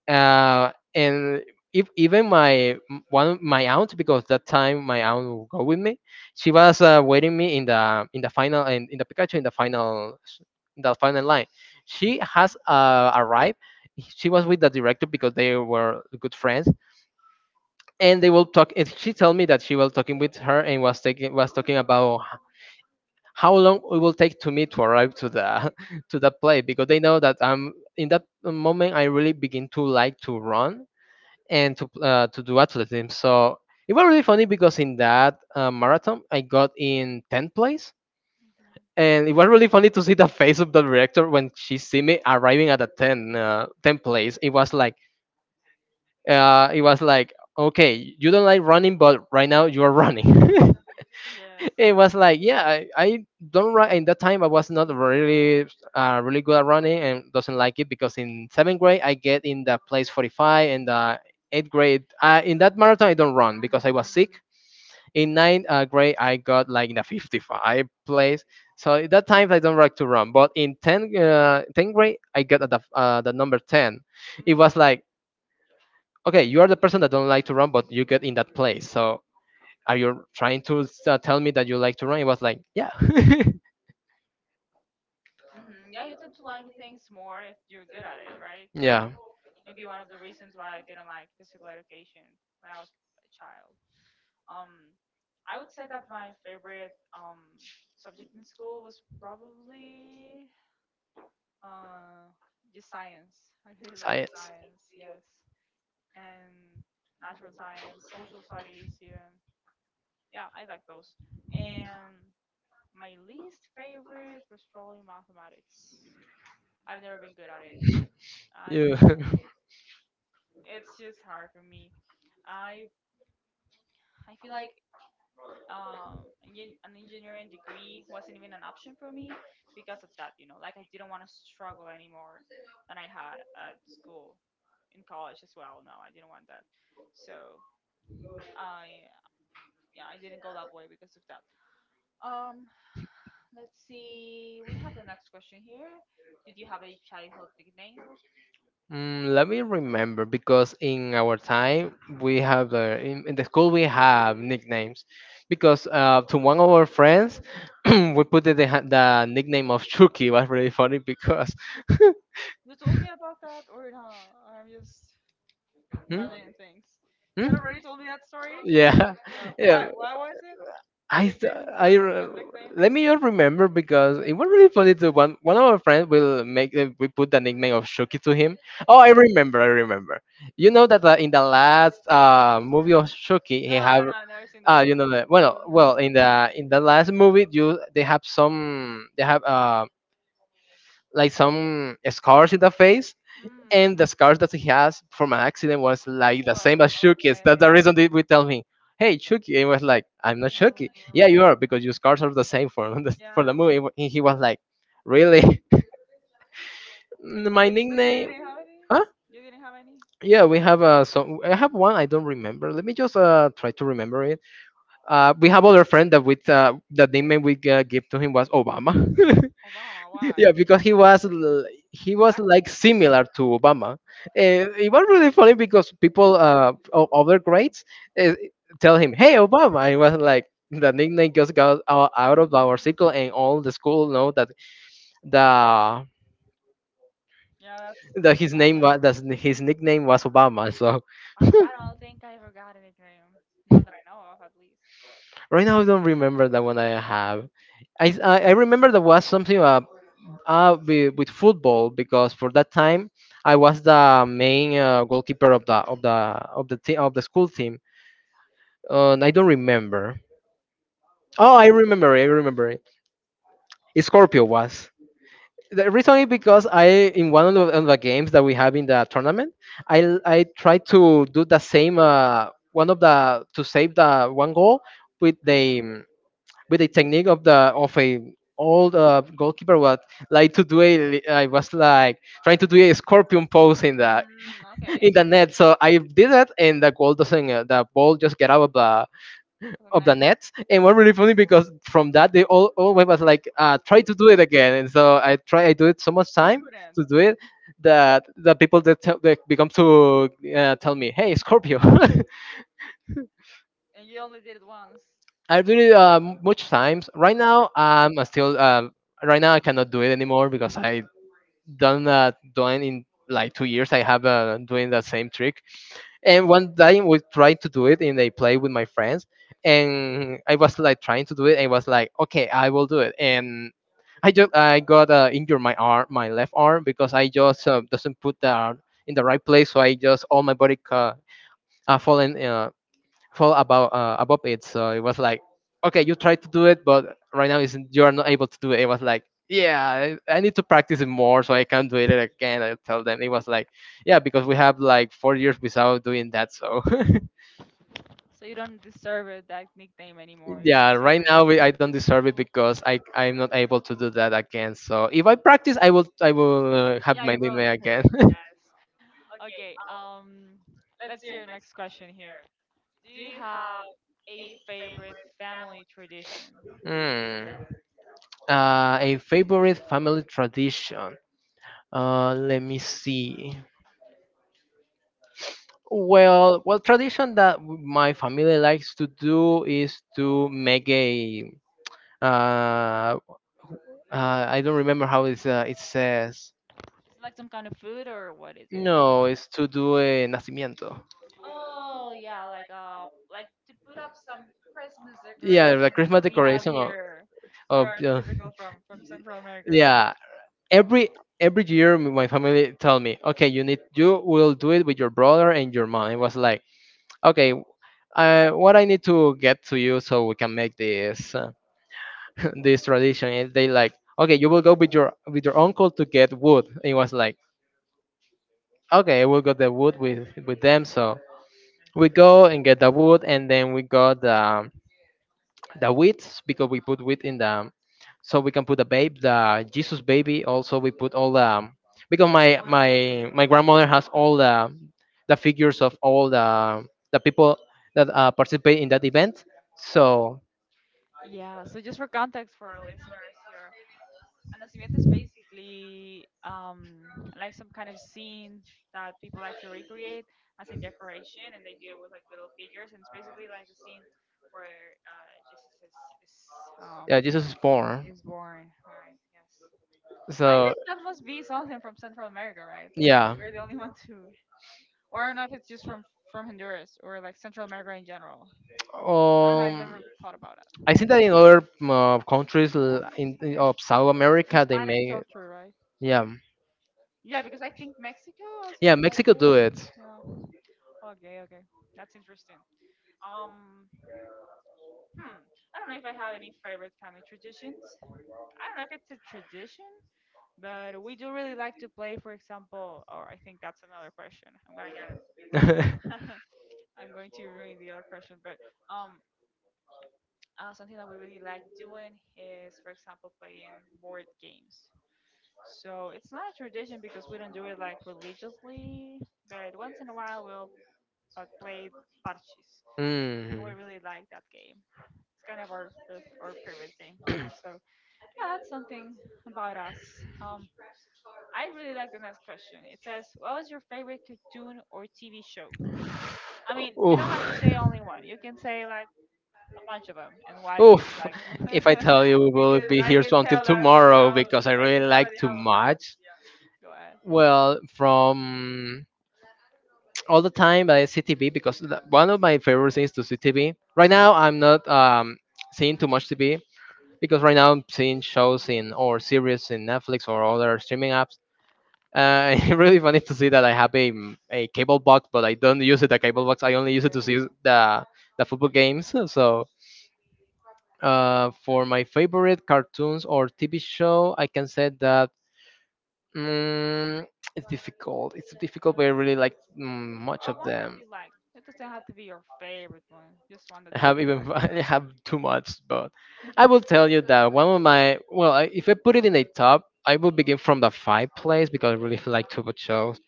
Speaker 2: and if even one my aunt, because that time my aunt will go with me, she was waiting me in the final in the Pikachu in the in the final line. She has arrived. She was with the director because they were good friends, and they will talk, and she told me that she was talking with her and was taking was talking about how long it will take to me to arrive to the [laughs] to the play because they know that I'm in that moment I really begin to like to run and to do athleticism. So it was really funny because in that marathon I got in 10th place.
Speaker 1: Mhm.
Speaker 2: And it was really funny to see the [laughs] face of the director when she see me arriving at the 10 10 place. It was like it was like, okay, you don't like running, but right now you are running. [laughs]
Speaker 1: Yes.
Speaker 2: It was like, yeah, I don't run, in that time I was not really really good at running, and doesn't like it. Because in seventh grade I get in the place 45, and the eighth grade, in that marathon I don't run because I was sick.
Speaker 1: Mm-hmm.
Speaker 2: In ninth grade I got like in the 55 place. So at that time I don't like to run, but in tenth, 10th grade I got at the number 10. It
Speaker 1: Mm.
Speaker 2: was like, okay, you are the person that don't like to run, but you get in that place. So are you trying to tell me that you like to run? It was like, yeah. [laughs]
Speaker 1: Mm-hmm. Yeah, you tend to like things more if you're good at it, right?
Speaker 2: Yeah,
Speaker 1: So maybe one of the reasons why I didn't like physical education when I was a child. Um, I would say that my favorite subject in school was probably uh just science. [laughs] I really liked
Speaker 2: science.
Speaker 1: science, yes, and natural science, social studies, even. Yeah, I like those. And my least favorite was probably mathematics. I've never been good at it. I,
Speaker 2: Yeah.
Speaker 1: I
Speaker 2: [laughs]
Speaker 1: don't know. It's just hard for me. I I feel like an an engineering degree wasn't even an option for me because of that, you know. Like I didn't want to struggle anymore than I had at school in college as well. No, I didn't want that. So I yeah, I didn't go that way because of that. Um, let's see. We have the next question here. Did you have a childhood nickname?
Speaker 2: Mm, let me remember, because in our time we have in the school we have nicknames because to one of our friends [clears throat] we put the nickname of Chucky. Was really funny because.
Speaker 1: You told me about that, or no? I'm just
Speaker 2: Hmm?
Speaker 1: imagining things. You
Speaker 2: Hmm?
Speaker 1: had already told me that story.
Speaker 2: Yeah.
Speaker 1: Yeah.
Speaker 2: [laughs]
Speaker 1: Why?
Speaker 2: Yeah.
Speaker 1: Why was it that
Speaker 2: I
Speaker 1: they
Speaker 2: th-
Speaker 1: gave him
Speaker 2: I
Speaker 1: that,
Speaker 2: re-
Speaker 1: that nickname?
Speaker 2: let me just remember, because it was really funny. To one one of our friends will make, we put the nickname of Shuki to him. Oh, I remember, I remember. You know that in the last movie of Shuki,
Speaker 1: No,
Speaker 2: he
Speaker 1: I don't
Speaker 2: have
Speaker 1: know. I've never seen
Speaker 2: uh,
Speaker 1: those
Speaker 2: you
Speaker 1: books.
Speaker 2: know that, well, well,
Speaker 1: [laughs]
Speaker 2: in the last movie you they have some they have like some scars in the face. And
Speaker 1: Mm.
Speaker 2: the scars that he has from an accident was like the
Speaker 1: Arsenal.
Speaker 2: same as Shuki's.
Speaker 1: Okay.
Speaker 2: That's the reason that we tell him, "Hey, Shuki," and he was like, "I'm not Shuki." Yeah, you
Speaker 1: Oh.
Speaker 2: are, because your scars are the same for [laughs] the, for the
Speaker 1: Yeah.
Speaker 2: movie. And he was like, "Really?" [laughs] My
Speaker 1: But you
Speaker 2: nickname?
Speaker 1: didn't have any.
Speaker 2: Huh?
Speaker 1: You didn't have any.
Speaker 2: Yeah, we have some. I have one. I don't remember. Let me just try to remember it. We have other friend that with the nickname we give to him was Obama. [laughs]
Speaker 1: Obama. Why?
Speaker 2: Yeah, because he was
Speaker 1: Black.
Speaker 2: like similar to Obama. It was really funny because people of other grades uh, tell him, "Hey, Obama," and it was like the nickname just got out, out of
Speaker 1: Mhm.
Speaker 2: our circle, and all the school know that the
Speaker 1: Yeah,
Speaker 2: that
Speaker 1: that's
Speaker 2: his name
Speaker 1: funny.
Speaker 2: was, that his nickname was Obama. So
Speaker 1: I don't think I ever got a nickname. Not that I know of, at least.
Speaker 2: right now I don't remember the one I have.
Speaker 1: Um.
Speaker 2: I remember there was something with football, because for that time I was the main goalkeeper of the of the of the school team. And I don't remember. Oh,
Speaker 1: Yeah.
Speaker 2: I remember. I remember it. Scorpio was. The reason is because I in one of the games that we have in the tournament, I tried to do the same. One of the, to save the one goal with the um, with the technique of the of a old goalkeeper what like to do a. I was like trying to do a scorpion pose in the
Speaker 1: Mm,
Speaker 2: [laughs]
Speaker 1: okay.
Speaker 2: in the net. So I did that, and the goal doesn't the ball just get out
Speaker 1: So
Speaker 2: of the
Speaker 1: not
Speaker 2: net. And what really funny because from that they all always was like try to do it again. And so I try I do it so much
Speaker 1: you
Speaker 2: time
Speaker 1: couldn't,
Speaker 2: to do it that the people that tell, they become to tell me, hey Scorpio. [laughs]
Speaker 1: and you only did it once.
Speaker 2: I do it much times. Right now,
Speaker 1: Oh,
Speaker 2: I still right now I cannot do it anymore because I done done in like two years I have doing that same trick, and one time we tried to do it in a play with my friends, and I was like trying to do it, and was like, okay, I will do it. And I just I got injured my arm, my left arm, because I just doesn't put the arm in the right place. So I just all my body fallen. Fall about above it. So it was like, okay, you try to do it, but right now isn't you are not able to do it. It was like, yeah, I need to practice it more so I can do it again. I tell them, it was like, yeah, because we have like four years without doing that. So
Speaker 1: so you don't deserve it that nickname anymore.
Speaker 2: [laughs]
Speaker 1: You don't
Speaker 2: yeah,
Speaker 1: deserve
Speaker 2: right now
Speaker 1: it.
Speaker 2: we, I don't deserve it because I'm not able to do that again. So if I practice, I will have
Speaker 1: Yeah,
Speaker 2: my
Speaker 1: you
Speaker 2: name
Speaker 1: probably
Speaker 2: again.
Speaker 1: could. Yes.
Speaker 2: [laughs]
Speaker 1: Okay. Let's see your next question here. Do you have a favorite family tradition?
Speaker 2: Hmm. A favorite family tradition. Let me see. Well, well, tradition that my family likes to do is to make a. Uh, uh, I don't remember how it's, it says.
Speaker 1: Is it like some kind of food or what is it?
Speaker 2: No, it's to do a nacimiento.
Speaker 1: Oh yeah, like to put up some Christmas
Speaker 2: Yeah, the
Speaker 1: decorations
Speaker 2: Christmas
Speaker 1: that we have
Speaker 2: decoration of,
Speaker 1: here that
Speaker 2: of
Speaker 1: are
Speaker 2: uh,
Speaker 1: typical from Central America, right?
Speaker 2: yeah. Every every year, my family tell me, okay, you will do it with your brother and your mom. It was like, okay, what I need to get to you so we can make this. [laughs] This tradition is they like, okay, you will go with your uncle to get wood. And it was like, okay, we'll get the wood with them. So we go and get the wood, and then we got the wheat, because we put wheat in the so we can put the Jesus baby. Also we put all the, because my grandmother has all the figures of all the people that participate in that event. So
Speaker 1: Yeah. So just for context for our listeners here, a nacimiento is basically like some kind of scene that people like to recreate as a decoration, and they do it with like little figures, and it's basically like a scene where Jesus is um
Speaker 2: yeah, Jesus is born.
Speaker 1: is born, right? Yes. I
Speaker 2: So
Speaker 1: think that must be something from Central America, right? We,
Speaker 2: yeah.
Speaker 1: you're the only one to, or I don't know if it's just from Honduras or like Central America in general. I don't know. I've
Speaker 2: Um,
Speaker 1: never thought about it.
Speaker 2: I think that in other mm, countries
Speaker 1: Honduras,
Speaker 2: in,
Speaker 1: okay.
Speaker 2: of South America, they
Speaker 1: Hispanic
Speaker 2: may.
Speaker 1: culture, right?
Speaker 2: Yeah.
Speaker 1: Yeah, because I think Mexico also
Speaker 2: Yeah,
Speaker 1: does
Speaker 2: Mexico
Speaker 1: it.
Speaker 2: do it.
Speaker 1: Yeah. Okay. Okay. That's interesting. Um. Hmm. I don't know if I have any favorite family traditions. I don't know if it's a tradition, but we do really like to play. For example, or I think that's another question. I'm gonna get it.
Speaker 2: [laughs] Mm.
Speaker 1: [laughs] I'm going to ruin the other question, but um, something that we really like doing is, for example, playing board games. So it's not a tradition because we don't do it like religiously, but once in a while we'll play parches. We really like that game. It's kind of our favorite game. So yeah, that's something about us. I really like the next question. It says, "What was your favorite cartoon or TV show?" I mean, you
Speaker 2: Oof.
Speaker 1: don't have to say only one. You can say like a bunch of them, and why did you
Speaker 2: Oof.
Speaker 1: like them?
Speaker 2: If I tell you,
Speaker 1: [laughs]
Speaker 2: we'll
Speaker 1: Because
Speaker 2: be
Speaker 1: I
Speaker 2: here
Speaker 1: can
Speaker 2: so until
Speaker 1: tell that you
Speaker 2: tomorrow,
Speaker 1: have,
Speaker 2: because I
Speaker 1: I can
Speaker 2: really
Speaker 1: tell that
Speaker 2: like
Speaker 1: you
Speaker 2: too
Speaker 1: have a lot.
Speaker 2: much.
Speaker 1: Yeah. Go ahead.
Speaker 2: Well, from all the time by CTV, because one of my favorite things to see TV. Right now, I'm not seeing too much TV, because right now I'm seeing shows in or series in Netflix or other streaming apps. [laughs] It's really funny to see that I have a cable box, but I don't use it a cable box. I only use it
Speaker 1: Yeah.
Speaker 2: to see the football games. So for my favorite cartoons or TV show, I can say that mm, it's difficult. It's difficult, but I really like much
Speaker 1: Or
Speaker 2: of
Speaker 1: one that
Speaker 2: them.
Speaker 1: you like. It doesn't have to be your favorite one. Just one that
Speaker 2: I
Speaker 1: you
Speaker 2: have
Speaker 1: really
Speaker 2: even [laughs]
Speaker 1: like.
Speaker 2: I have too much, but I will
Speaker 1: [laughs]
Speaker 2: tell you that one of my, well, if I put it in a top, I will begin from the five place because I really [laughs] like Tubo shows.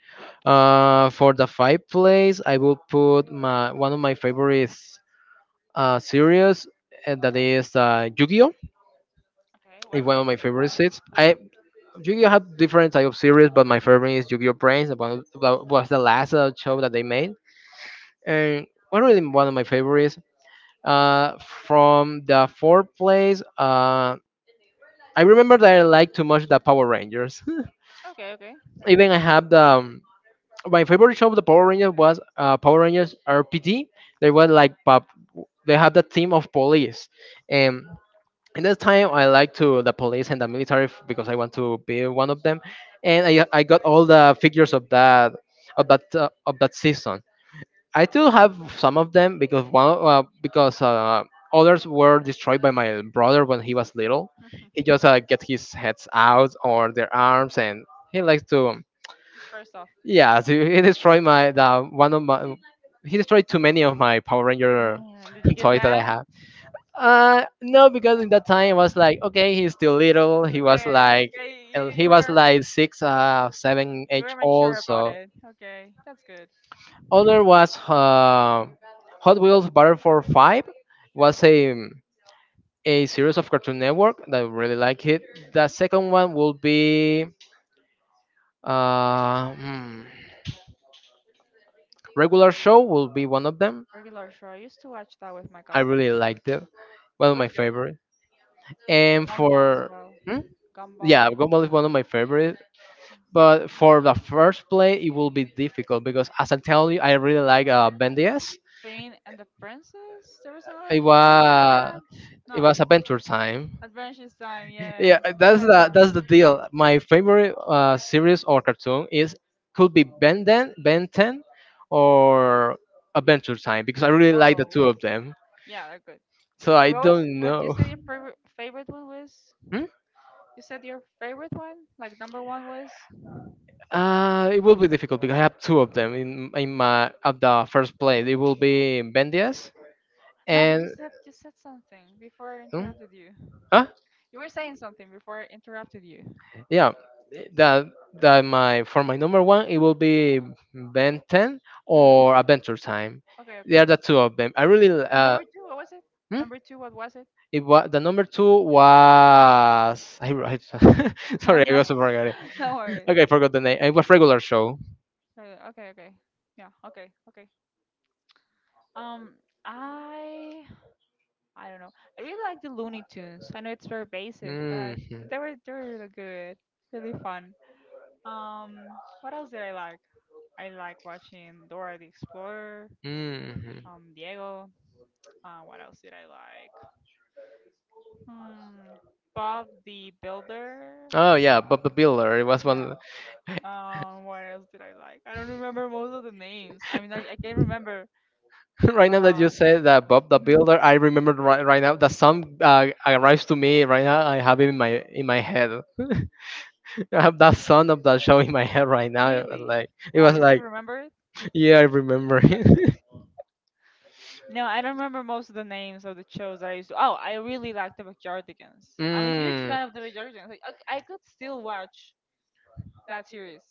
Speaker 2: For the five place, I will put my one of my favorites series that is Yu-Gi-Oh.
Speaker 1: Okay. What
Speaker 2: It's one of
Speaker 1: what's
Speaker 2: my
Speaker 1: it
Speaker 2: favorite
Speaker 1: about?
Speaker 2: sets. I Yu-Gi-Oh have different type of series, but my favorite is Yu-Gi-Oh Brains. That was the last show that they made, and one really one of my favorites. From the fourth place, I remember that I liked too much the Power Rangers. [laughs]
Speaker 1: Okay. Okay.
Speaker 2: Even I have the my favorite show of the Power Rangers was Power Rangers RPD. They were like pop. They had the team of police, and in that time I liked to the police and the military because I want to be one of them, and I got all the figures of that of that of that season. I still have some of them because others were destroyed by my brother when he was little. He
Speaker 1: [laughs]
Speaker 2: just get his heads out or their arms, and he likes to.
Speaker 1: Just first off.
Speaker 2: Yeah. [laughs] So he destroyed my the one of my he destroyed too many of my Power Ranger
Speaker 1: Man, did you
Speaker 2: [laughs]
Speaker 1: get
Speaker 2: toys that I
Speaker 1: mad?
Speaker 2: have. No, because in that time I was like, okay, he's still little. He was
Speaker 1: Okay.
Speaker 2: like,
Speaker 1: Okay. You
Speaker 2: and
Speaker 1: You
Speaker 2: he was
Speaker 1: were
Speaker 2: like six, seven,
Speaker 1: you
Speaker 2: eight
Speaker 1: were
Speaker 2: old.
Speaker 1: mature about
Speaker 2: So
Speaker 1: it. Okay. That's good.
Speaker 2: other was Hot Wheels Battle for Five was a series of Cartoon Network that I really like it. The
Speaker 1: Hmm.
Speaker 2: second one will be uh, hmm, Regular Show will be one of them.
Speaker 1: Regular Show. I used to watch that with my
Speaker 2: I
Speaker 1: cousin.
Speaker 2: really liked it. One
Speaker 1: It
Speaker 2: of my
Speaker 1: was good.
Speaker 2: favorite. And
Speaker 1: Gumball as
Speaker 2: for.
Speaker 1: well.
Speaker 2: Hmm? Yeah,
Speaker 1: Gumball.
Speaker 2: Gumball is one of my favorite. But for the first play, it will be difficult because as I tell you, I really like Ben 10.
Speaker 1: Finn and the Princess? There was
Speaker 2: It
Speaker 1: another program like that?
Speaker 2: was it
Speaker 1: No.
Speaker 2: was Adventure Time.
Speaker 1: Adventures Time,
Speaker 2: Yeah,
Speaker 1: yes. I
Speaker 2: that's
Speaker 1: like
Speaker 2: the that's
Speaker 1: that.
Speaker 2: the deal. My favorite series or cartoon is could be Ben 10, or Adventure Time because I really like the
Speaker 1: Oh.
Speaker 2: two of them.
Speaker 1: Yeah, they're good.
Speaker 2: So I
Speaker 1: And what was
Speaker 2: don't
Speaker 1: what you
Speaker 2: know.
Speaker 1: said your favorite one was?
Speaker 2: Hmm?
Speaker 1: You said your favorite one? Like number one was?
Speaker 2: It will be difficult because I have two of them in my at the first place it will be Ben 10
Speaker 1: No, but
Speaker 2: and.
Speaker 1: you said something before I
Speaker 2: Hmm?
Speaker 1: interrupted you.
Speaker 2: Huh?
Speaker 1: You were saying something before I interrupted you.
Speaker 2: Yeah, that that my for my number one it will be Ben 10
Speaker 1: Hmm.
Speaker 2: or Adventure Time.
Speaker 1: Okay,
Speaker 2: They
Speaker 1: okay.
Speaker 2: are the two of them. I really
Speaker 1: And number two, what was it?
Speaker 2: hmm?
Speaker 1: Number two, what was it?
Speaker 2: It was the number two was [laughs] I wrote. [laughs] Sorry, I also forgot it.
Speaker 1: [laughs] No worry.
Speaker 2: Okay, I forgot the name. It was Regular Show.
Speaker 1: Okay, okay. Yeah, okay, okay. Um, I I don't know. I really like the Looney Tunes. I know it's very basic, but
Speaker 2: Hmm.
Speaker 1: I but they were really good, really fun. What else did I like? I like watching Dora the Explorer,
Speaker 2: Hmm.
Speaker 1: Diego. What else did I like? Hmm, Bob the Builder.
Speaker 2: Oh yeah, Bob the Builder. It was
Speaker 1: Yeah.
Speaker 2: one.
Speaker 1: What else did I like? I don't remember most of the names. I mean, I can not remember.
Speaker 2: [laughs] Right now that you
Speaker 1: Uh,
Speaker 2: said that Bob the
Speaker 1: mhm.
Speaker 2: Builder, I remember right now that song arrives to me right now. I have it in my head. [laughs] I have that sound of that show in my head right now.
Speaker 1: Really?
Speaker 2: Like it
Speaker 1: Wow,
Speaker 2: was
Speaker 1: you
Speaker 2: like.
Speaker 1: still remember it?
Speaker 2: Yeah, I remember
Speaker 1: That's
Speaker 2: it.
Speaker 1: crazy.
Speaker 2: [laughs]
Speaker 1: No, I don't remember most of the names of the shows that I used to. Oh, I really like the Backyardigans. I'm a huge fan
Speaker 2: Mm.
Speaker 1: of the Backyardigans. Like, I could still watch that series,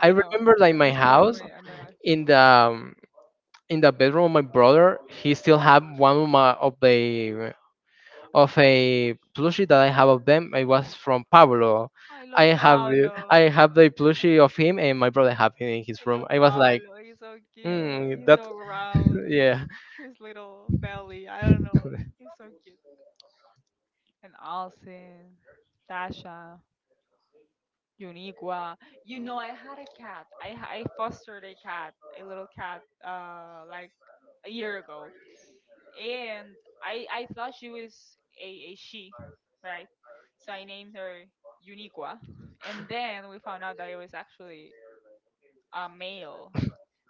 Speaker 2: I
Speaker 1: know,
Speaker 2: remember like
Speaker 1: at
Speaker 2: my
Speaker 1: this point in
Speaker 2: house
Speaker 1: in my life.
Speaker 2: in the um, in the bedroom of my brother, he still had one of my of the of a plushie that I have of them. It was from Pablo.
Speaker 1: I love Paolo.
Speaker 2: I have the plushie of him, and my brother have it in his
Speaker 1: I
Speaker 2: room.
Speaker 1: love
Speaker 2: I was like,
Speaker 1: Paolo. He's so cute. He's
Speaker 2: that
Speaker 1: so
Speaker 2: [laughs]
Speaker 1: round.
Speaker 2: yeah,
Speaker 1: His little belly. I don't know. He's so cute. And Alcin, Tasha, Uniqua. You know, I had a cat. I fostered a cat, a little cat, like a year ago and I thought she was a, a she, right? So I named her Uniqua, and then we found out that it was actually a male.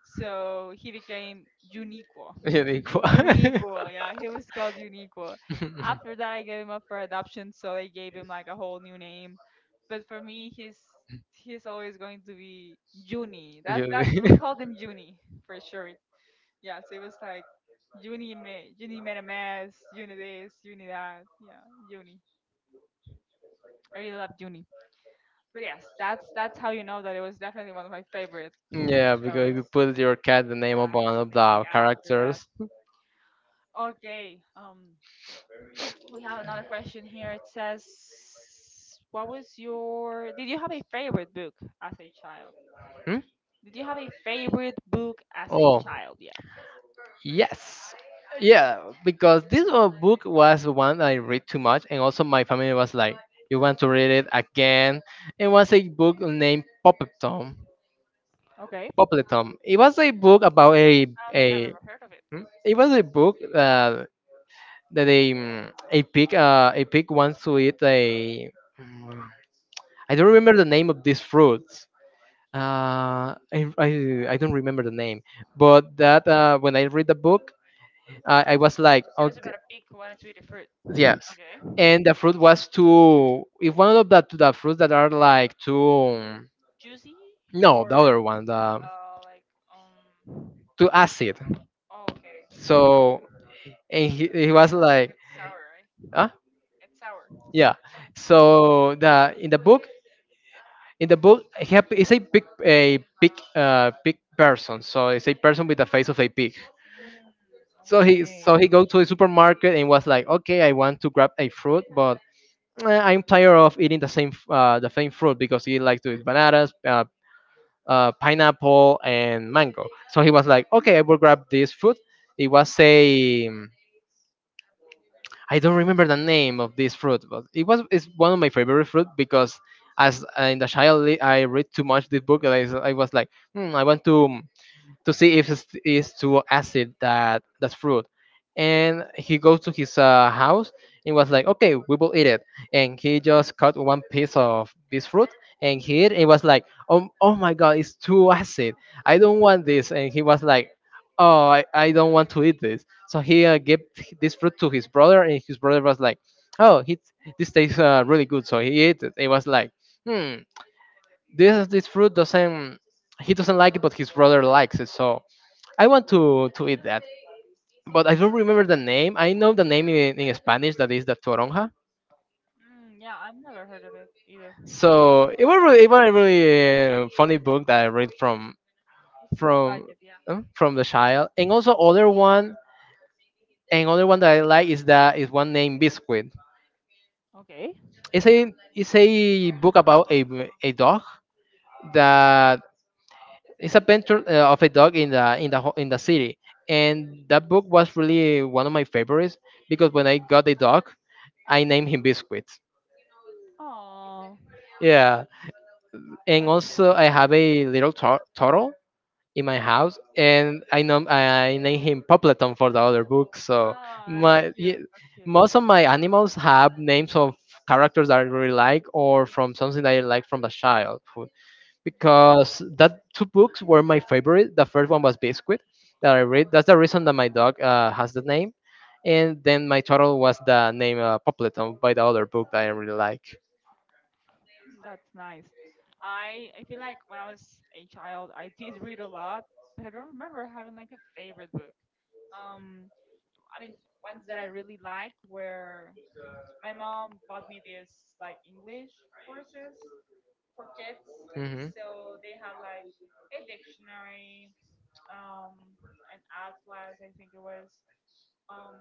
Speaker 1: So he became Uniquo.
Speaker 2: [laughs] unique. One."
Speaker 1: Uniquo, yeah, he was called Uniquo.
Speaker 2: [laughs]
Speaker 1: After that, I gave him up for adoption, so they gave him like a whole new name. But for me, he's always going to be Juni. That we
Speaker 2: Unique.
Speaker 1: called him Juni for short. Yeah, so it was like uni made a mess, uni this, uni that. Yeah, uni. I really loved uni. But yes, that's how you know that it was definitely one of my favorite
Speaker 2: [laughs] Yeah, because
Speaker 1: shows.
Speaker 2: you put your cat the name
Speaker 1: Yeah,
Speaker 2: of
Speaker 1: I
Speaker 2: one
Speaker 1: also
Speaker 2: of
Speaker 1: named the
Speaker 2: the
Speaker 1: cat after that.
Speaker 2: characters.
Speaker 1: Okay. We have another question here. It says, "What was your? Did you have a favorite book as a child?
Speaker 2: Hmm?
Speaker 1: Did you have a favorite book as a
Speaker 2: Oh.
Speaker 1: child?" Yeah.
Speaker 2: Yes. Yeah, because this book was one I read too much, and also my family was like, "You want to read it again?" It was a book named Popletom.
Speaker 1: Okay.
Speaker 2: Popletom. It
Speaker 1: I
Speaker 2: was a book about a
Speaker 1: don't think I've
Speaker 2: a.
Speaker 1: ever heard of it.
Speaker 2: Hmm? It was a book that a pig wants to eat a. mm, I don't remember the name of these fruits. Uh, I, I I don't remember the name, but that when I read the book, I was like,
Speaker 1: It was
Speaker 2: okay,
Speaker 1: about a pig who wanted to eat a fruit.
Speaker 2: yes.
Speaker 1: Okay.
Speaker 2: And the fruit was too. If one of the fruits that are like too.
Speaker 1: Juicy. No,
Speaker 2: No, the
Speaker 1: or
Speaker 2: other one, the.
Speaker 1: like um.
Speaker 2: Too acid.
Speaker 1: Oh, okay.
Speaker 2: So and he was
Speaker 1: I,
Speaker 2: like,
Speaker 1: sour, right?
Speaker 2: huh?
Speaker 1: It's sour. Yeah.
Speaker 2: Yeah.
Speaker 1: Sour.
Speaker 2: So the in the book he is a big person. So it's a person with the face of a pig.
Speaker 1: So okay.
Speaker 2: So
Speaker 1: So
Speaker 2: he go to a supermarket and was like, okay, I want to grab a fruit, but I'm tired of eating the same fruit because he likes to eat bananas, pineapple and mango. So he was like, okay, I will grab this fruit. It was a I don't remember the name of this fruit, but it's one of my favorite fruit because as in the child I read too much this book and I was like, hmm, I want to see if it's too acid that fruit. And he goes to his house and was like, okay, we will eat it. And he just cut one piece of this fruit and he ate. And was like, oh, oh my god, it's too acid. I don't want this. And he was like, oh, I don't want to eat this. So he gave this fruit to his brother, and his brother was like, oh, he, this tastes really good. So he ate it. It was like, hmm, this fruit doesn't he doesn't like it, but his brother likes it. So I want to eat that, but I don't remember the name. I know the name in Spanish that is the toronja.
Speaker 1: mm, yeah, I've never heard of it either. So
Speaker 2: It was a really funny book that I read
Speaker 1: it sounds like
Speaker 2: from
Speaker 1: it, yeah.
Speaker 2: from the child, and also other one that I like is one named Biscuit.
Speaker 1: Okay.
Speaker 2: It's a book about a dog that. It's Adventure of a Dog in in the City, and that book was really one of my favorites because when I got the dog, I named him Biscuit.
Speaker 1: Oh,
Speaker 2: Yeah, and
Speaker 1: that's cute.
Speaker 2: also I
Speaker 1: Oh,
Speaker 2: have a little turtle in my house, and I know I name him Popleton for the other book. So
Speaker 1: that's
Speaker 2: my ye-
Speaker 1: cute. That's cute.
Speaker 2: most
Speaker 1: Most
Speaker 2: of my animals have names of characters that I really like or from something that I like from the child. Because that two books were my favorite. The first one was Biscuit that I read. That's the reason that my dog has the name. And then my turtle was the name Poppleton by the other book that I really like.
Speaker 1: that's nice. I feel like when I was a child, I did read a lot, but I don't remember having like a favorite book. Um. I mean, ones that I really liked were my mom bought me this like English courses for kids.
Speaker 2: Hmm.
Speaker 1: So they had like a dictionary, um, an atlas, I think it was. Um,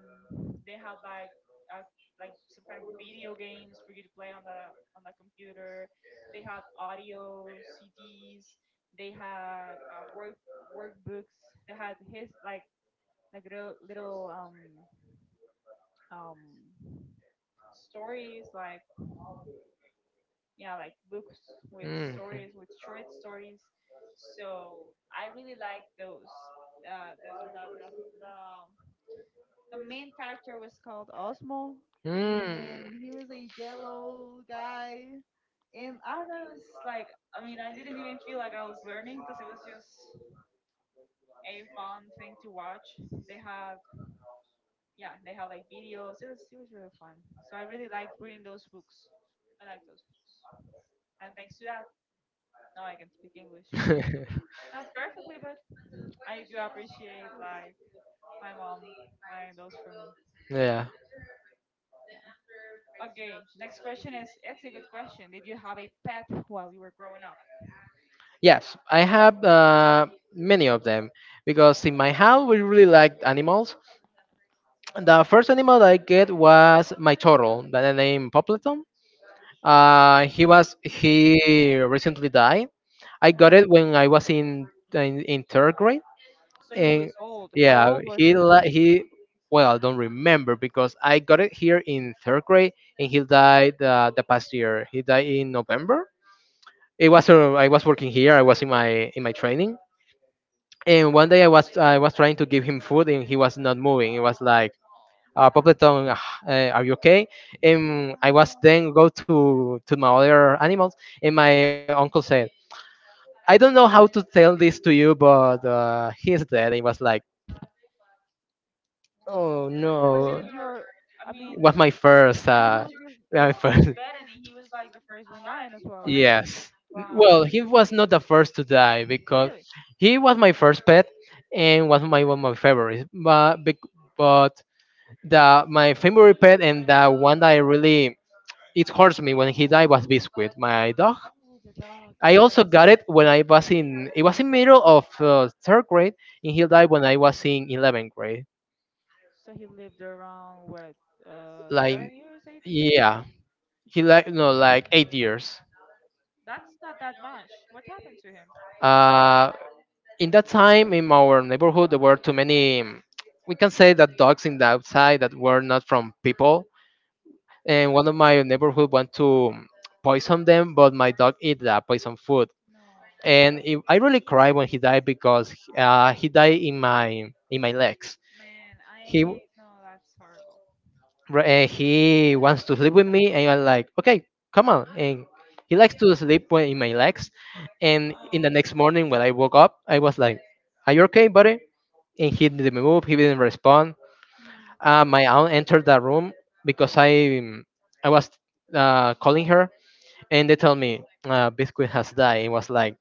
Speaker 1: they had uh, like some kind of video games for you to play on the computer. They had audio CDs. They had workbooks. They had his like like little um stories like yeah like books with
Speaker 2: Mm.
Speaker 1: stories with short stories so I really like those uh, the, the, the, the, the the main character was called osmo
Speaker 2: Mm.
Speaker 1: and he was a jello guy. And I was like I mean I didn't even feel like I was learning because it was just a fun thing to watch they had yeah they had like videos it was really fun so I really like reading those books I like those books and thanks to that now I can speak English.
Speaker 2: [laughs]
Speaker 1: Not perfectly, but I do appreciate like my mom buying those for me. Yeah.
Speaker 2: Yeah.
Speaker 1: Yeah. Okay. Next question is it's a good question. Did you have a pet while you were growing up?
Speaker 2: Yes, I have many of them because in my house we really like animals. The first animal that I get was my turtle, that I named Poppleton. He recently died. I got
Speaker 1: Oh,
Speaker 2: it when I was in third grade,
Speaker 1: so he
Speaker 2: and
Speaker 1: was old. How
Speaker 2: yeah,
Speaker 1: old was
Speaker 2: he
Speaker 1: he? Oh,
Speaker 2: he. Well, I don't remember because I got it here in third grade, and he died the past year. He died in November. It was I was working here. I was in my training, and one day I was trying to give him food, and he was not moving. It was like
Speaker 1: oh.
Speaker 2: probably told me, "Ah, eh, are you okay?" And I was
Speaker 1: Wow.
Speaker 2: then go to my other animals, and my uncle said, I don't know how to tell this to you, but he's dead. It was like, oh
Speaker 1: Was it
Speaker 2: no,
Speaker 1: your? I mean,
Speaker 2: it was my first,
Speaker 1: yeah, he was
Speaker 2: [laughs]
Speaker 1: your
Speaker 2: my
Speaker 1: first
Speaker 2: first.
Speaker 1: pet, and he was like the first one dying as well, right?
Speaker 2: Yes.
Speaker 1: Wow.
Speaker 2: Well, he was not the first to die because
Speaker 1: Really?
Speaker 2: he was my first pet and was my one of my favorites. But but the my favorite pet and the one that I really it hurts me when he died was Biscuit, my dog.
Speaker 1: Oh, the dog,
Speaker 2: I
Speaker 1: yes.
Speaker 2: also got it when I was in it was in middle of third grade, and he died when I was in 11th grade.
Speaker 1: So he lived around what,
Speaker 2: Like
Speaker 1: 7 years, 8 years?
Speaker 2: yeah, he like no like 8 years.
Speaker 1: That's not that much. What happened to him?
Speaker 2: Uh, in that time in our neighborhood there were too many. We can say that dogs in the outside that were not from people, and one of my neighborhood want to poison them, but my dog eat the poison food
Speaker 1: No,
Speaker 2: I really cried when he died because he died in my legs.
Speaker 1: man, I
Speaker 2: He
Speaker 1: hate. No, that's horrible.
Speaker 2: and he wants to sleep with me, and I'm like, okay, come on. And he likes to sleep when in my legs. And in
Speaker 1: Oh,
Speaker 2: the
Speaker 1: no.
Speaker 2: next morning when I woke up, I was like, are you okay, buddy? And he didn't move. He didn't respond.
Speaker 1: Hmm.
Speaker 2: My aunt entered the room because I was calling her, and they told me Biscuit has died. It was like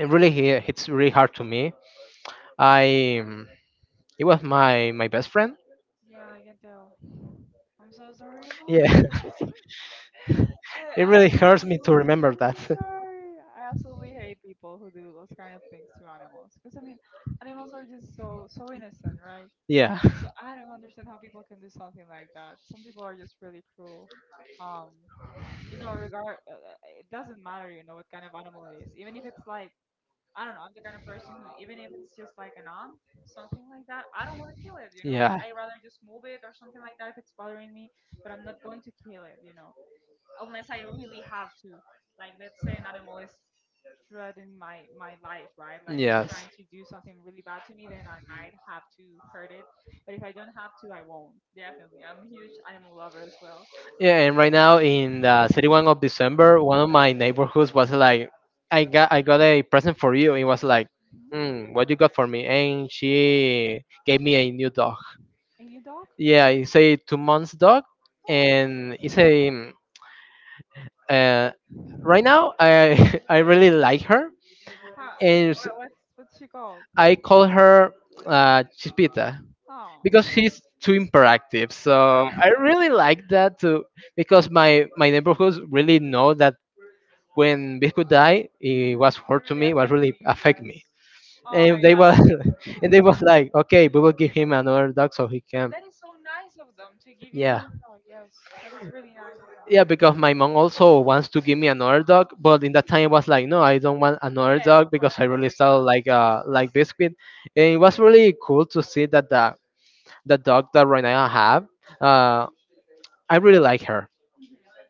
Speaker 2: it really hits really hard to me. I It was my best friend.
Speaker 1: Yeah, I can tell. I'm so sorry about
Speaker 2: Yeah,
Speaker 1: it. [laughs]
Speaker 2: [laughs] it
Speaker 1: I
Speaker 2: really hurts me to
Speaker 1: absolutely
Speaker 2: remember that. [laughs]
Speaker 1: sorry. I absolutely hate people who do those kind of things to animals. Because I mean, animals are just so innocent, right?
Speaker 2: Yeah,
Speaker 1: So I don't understand how people can do something like that. Some people are just really cruel. Um, you know, regard it doesn't matter, you know, what kind of animal it is. Even if it's like I don't know, I'm the kind of person who even if it's just like an ant, something like that, I don't want to kill it, you know, like
Speaker 2: yeah,
Speaker 1: I'd rather just move it or something like that if it's bothering me, but I'm not going to kill it, you know unless I really have to. Like let's say an animal is threatening my life, right? Like he's
Speaker 2: yes.
Speaker 1: trying to do something really bad to me, then I might have to hurt it. But if I don't have to, I won't. Definitely, I'm a huge animal lover as well.
Speaker 2: Yeah, and right now in the 31st of December, one of my neighborhoods was like, I got a present for you. It was like,
Speaker 1: Mhm.
Speaker 2: mm, what you got for me? And she gave me a new dog.
Speaker 1: And your dog?
Speaker 2: Yeah, it's a 2 months dog,
Speaker 1: Oh,
Speaker 2: and it's a uh, right now I [laughs] I really like her,
Speaker 1: how,
Speaker 2: and
Speaker 1: what's she called?
Speaker 2: I call her Chispita
Speaker 1: Oh,
Speaker 2: because
Speaker 1: hmm,
Speaker 2: she's too interactive. So I really like that too because my neighborhoods really know that when Biscuit died, it was hurt to
Speaker 1: really
Speaker 2: me, was
Speaker 1: affected.
Speaker 2: really affect
Speaker 1: Yes.
Speaker 2: me,
Speaker 1: Oh
Speaker 2: and they
Speaker 1: yeah,
Speaker 2: was [laughs] and they was like, okay, we will give him another dog so he can,
Speaker 1: Vivian
Speaker 2: yeah.
Speaker 1: has a dog. Yes, that is really nice of
Speaker 2: Yeah, because my mom also wants to give me another dog, but in that time it was like, no, I don't want another dog because I really still like Biscuit. And it was really cool to see that the dog that right now I have, uh, I really like her,
Speaker 1: her.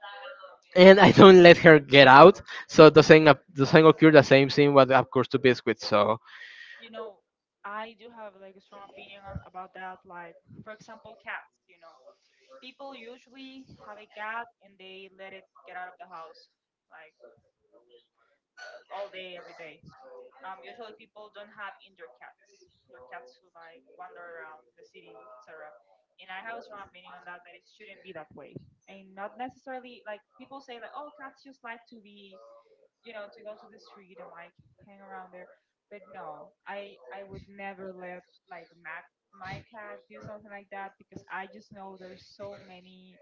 Speaker 2: and I don't let her get out, so doesn't occur the same thing what occurs to Biscuit. So.
Speaker 1: You know, I do have like a strong opinion on, about that. Like, for example, cats. You know, people usually have a cat and they let it get out of the house, like all day, every day. Usually people don't have indoor cats. They're cats who like wander around the city, etc. And I have a strong opinion on that that it shouldn't be that way. And not necessarily like people say like, oh, cats just like to be you know, to go to the street and like hang around there. But no, I would never let like Matt my cat do something like that because I just know there's so many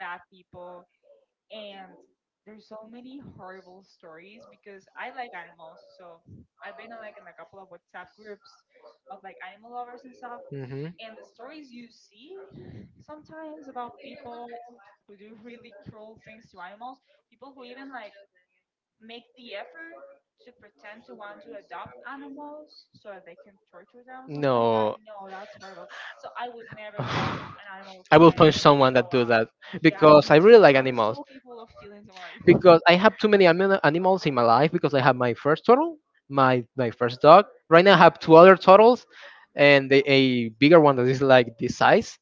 Speaker 1: bad people and there's so many horrible stories because I like animals. So I've been in like in a couple of WhatsApp groups of like animal lovers and stuff
Speaker 2: Hmm.
Speaker 1: and the stories you see sometimes about people who do [laughs] really cruel things to animals, people who even like make the effort to pretend to want to adopt animals so they can torture them or something like that.
Speaker 2: No.
Speaker 1: No, that's horrible. So I would never let
Speaker 2: [sighs]
Speaker 1: an animal of
Speaker 2: I will
Speaker 1: mine.
Speaker 2: punch someone that do that
Speaker 1: Yeah,
Speaker 2: because I really like animals.
Speaker 1: no people of killing someone like [laughs]
Speaker 2: Because I have too many animals in my life. Because I have my first turtle, my first dog. Right now I have two other turtles, and a bigger one that is like this size,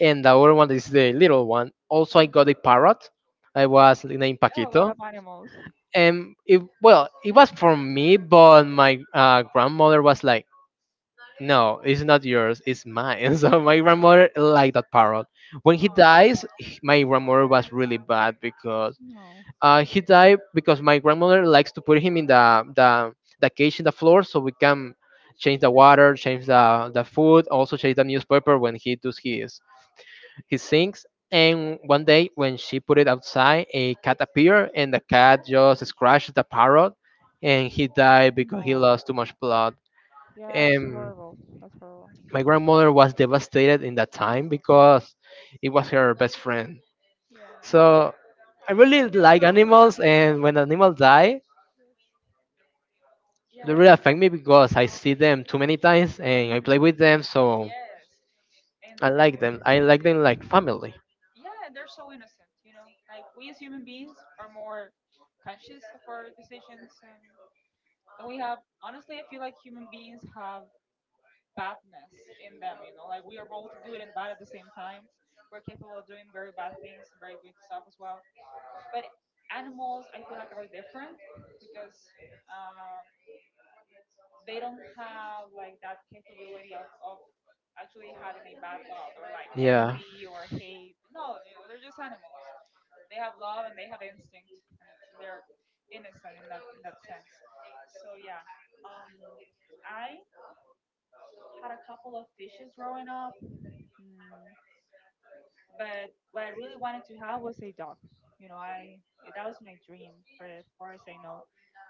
Speaker 2: and the other one that is the little one. Also, I got a parrot. I was named
Speaker 1: yeah, a lot
Speaker 2: Paquito.
Speaker 1: of animals.
Speaker 2: And it, well it was for me, but my grandmother was like no, it's not yours. It's mine. [laughs] So my grandmother liked that parrot. When he
Speaker 1: Aw,
Speaker 2: dies, my grandmother was really bad because
Speaker 1: no,
Speaker 2: he died because my grandmother likes to put him in the cage in the floor so we can change the water, change the food, also change the newspaper when he does his things. And one day when she put it outside, a cat appeared and the cat just scratched the parrot, and he died because he lost too
Speaker 1: no.
Speaker 2: much blood.
Speaker 1: Yeah, that's
Speaker 2: And
Speaker 1: horrible. That's horrible.
Speaker 2: my grandmother was devastated in that time
Speaker 1: No.
Speaker 2: because it was her best friend.
Speaker 1: Yeah.
Speaker 2: So I really like animals, and when animals die,
Speaker 1: Yeah,
Speaker 2: they really affect me because I see them too many times and I play with them, so
Speaker 1: yes.
Speaker 2: I
Speaker 1: And
Speaker 2: like them. I
Speaker 1: yeah,
Speaker 2: like them like family.
Speaker 1: yeah, and they're so innocent, you know. Like we as human beings are more conscious of our decisions and we have honestly I feel like human beings have badness in them, you know. Like we are both good and bad at the same time. We're capable of doing very bad things and very good stuff as well. But animals I feel like are different because um they don't have like that capability of actually having a bad thought or like
Speaker 2: Yeah.
Speaker 1: envy or hate. No, you know, they're just animals. They have love and they have instinct, and they're innocent in that sense. So yeah, um, I had a couple of fishes growing up, mm, but what I really wanted to have was a dog. You know, I that was my dream for I know.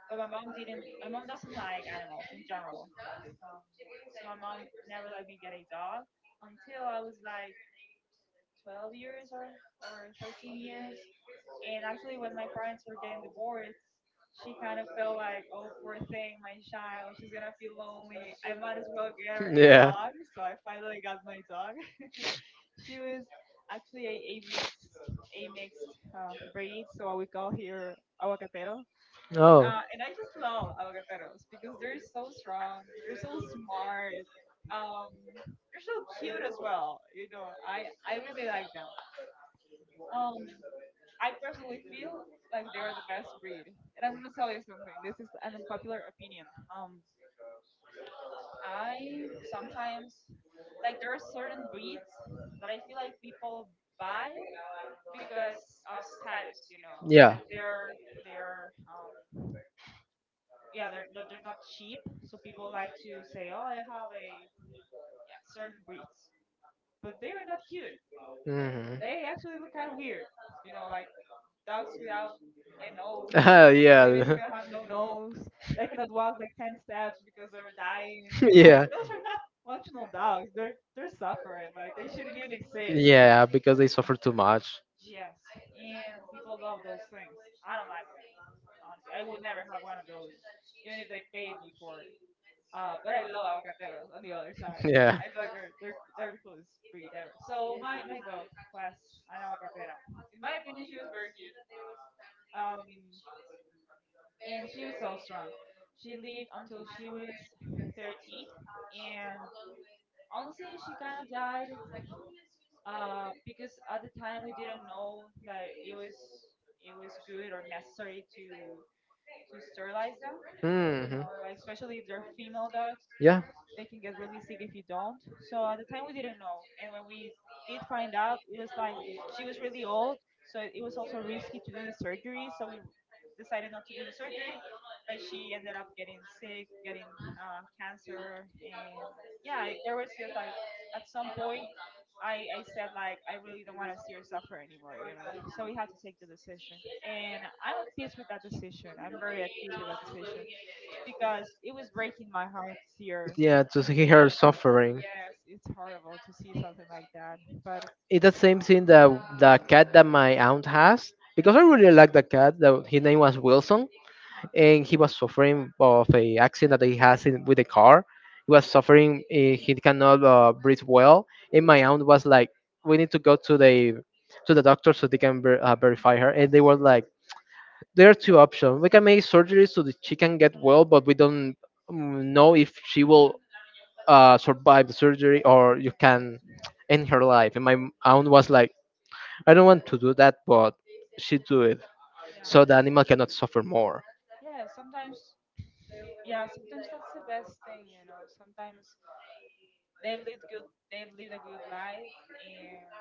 Speaker 1: But my mom didn't. My mom doesn't like animals in general. Um, so my mom never let me get a dog until I was like 12 years or 13 years. And actually, when my parents were getting divorced, she kind of felt like, oh, poor thing, my child, she's gonna feel lonely. I might as well get her
Speaker 2: [laughs]
Speaker 1: a
Speaker 2: Yeah.
Speaker 1: dog. So I finally got my dog. [laughs] She was actually a mixed a mixed breed, so what we call here aguacatero.
Speaker 2: Oh,
Speaker 1: And I just love avocados because they're so strong, they're so smart, um, they're so cute as well. You know, I really like them. Um, I personally feel like they are the best breed. And I'm gonna tell you something. This is an unpopular opinion. Um, I sometimes like there are certain breeds that I feel like people buy because of status. You know, like they're yeah they're not cheap, so people like to say, oh, I have a yeah certain breeds, but they are not cute. They actually
Speaker 2: [laughs]
Speaker 1: look kind of weird. You know, like dogs without a nose
Speaker 2: they
Speaker 1: have
Speaker 2: [laughs]
Speaker 1: no nose. They cannot walk like 10 steps because they're dying.
Speaker 2: have
Speaker 1: Like
Speaker 2: yeah. [laughs]
Speaker 1: no,
Speaker 2: Not
Speaker 1: they're not functional dogs. They're suffering. Like they shouldn't even exist. Yes, and people love those things. I don't like them honestly. I would never have one of those, even if they paid me for it. But I
Speaker 2: [laughs]
Speaker 1: love avocateros on the other side. I
Speaker 2: their
Speaker 1: feel like they're the coolest breed ever. So my dog was an aguacatera. In my opinion, she was very cute. Um, and she was so strong. She lived until she was 13, and honestly, she kind of died because at the time we didn't know that it was good or necessary to sterilize them, you know, like especially if they're female dogs they can get really sick if you don't. So at the time we didn't know, and when we did find out, it was like she was really old, so it was also risky to do the surgery. So we decided not to do the surgery, but she ended up getting sick, getting cancer, and yeah, there was just like at some point. I said like I really don't want to see her suffer anymore, you know. So we had to take the decision, and I'm at peace with that decision. I'm very at peace with that decision because it was breaking my heart to see her.
Speaker 2: yeah to see her suffering.
Speaker 1: Yes, it's horrible to see something like that. But
Speaker 2: It's the same thing that the cat that my aunt has, because I really like the cat that his name was Wilson, and he was suffering of a accident that he has in, with the car. He was suffering, eh, he cannot breathe well, and my aunt was like we need to go to the doctor so they can verify her, and they were like there are two options: we can make surgery so that she can get well, but we don't mm, know if she will survive the surgery, or you can end her life. And my aunt was like, I don't want to do that, but she do it
Speaker 1: yeah,
Speaker 2: so the animal cannot suffer more.
Speaker 1: yeah. Sometimes, yeah. Sometimes that's the best thing, you know. Sometimes they've lived good. They've lived a good life, and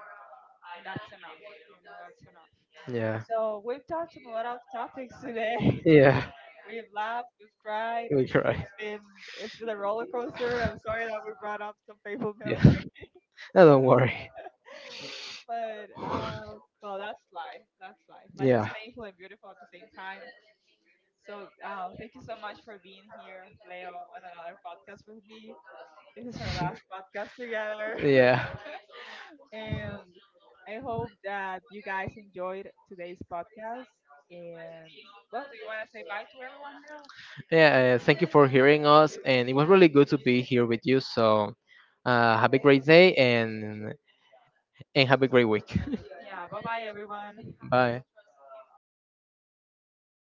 Speaker 1: and that's enough. You know, that's enough.
Speaker 2: Yeah.
Speaker 1: So we've touched on a lot of topics today. [laughs]
Speaker 2: Yeah. [laughs]
Speaker 1: We've laughed. We've cried.
Speaker 2: We cry.
Speaker 1: It's been it's been a roller coaster. I'm sorry that we brought up some painful
Speaker 2: Yeah.
Speaker 1: memories.
Speaker 2: [laughs] No, don't worry.
Speaker 1: [laughs] But
Speaker 2: [laughs]
Speaker 1: well, that's life. That's life. Life is
Speaker 2: Yeah.
Speaker 1: painful and beautiful at the same time. So thank you so much for being here, Leo, on another podcast with me. This is our last podcast together,
Speaker 2: Yeah.
Speaker 1: [laughs] and I hope that you guys enjoyed today's podcast. And well, do you want to say bye to everyone, Leo?
Speaker 2: Yeah. Thank you for hearing us, and it was really good to be here with you. So, have a great day, and have a great week.
Speaker 1: Yeah, bye bye, everyone.
Speaker 2: [laughs] Bye.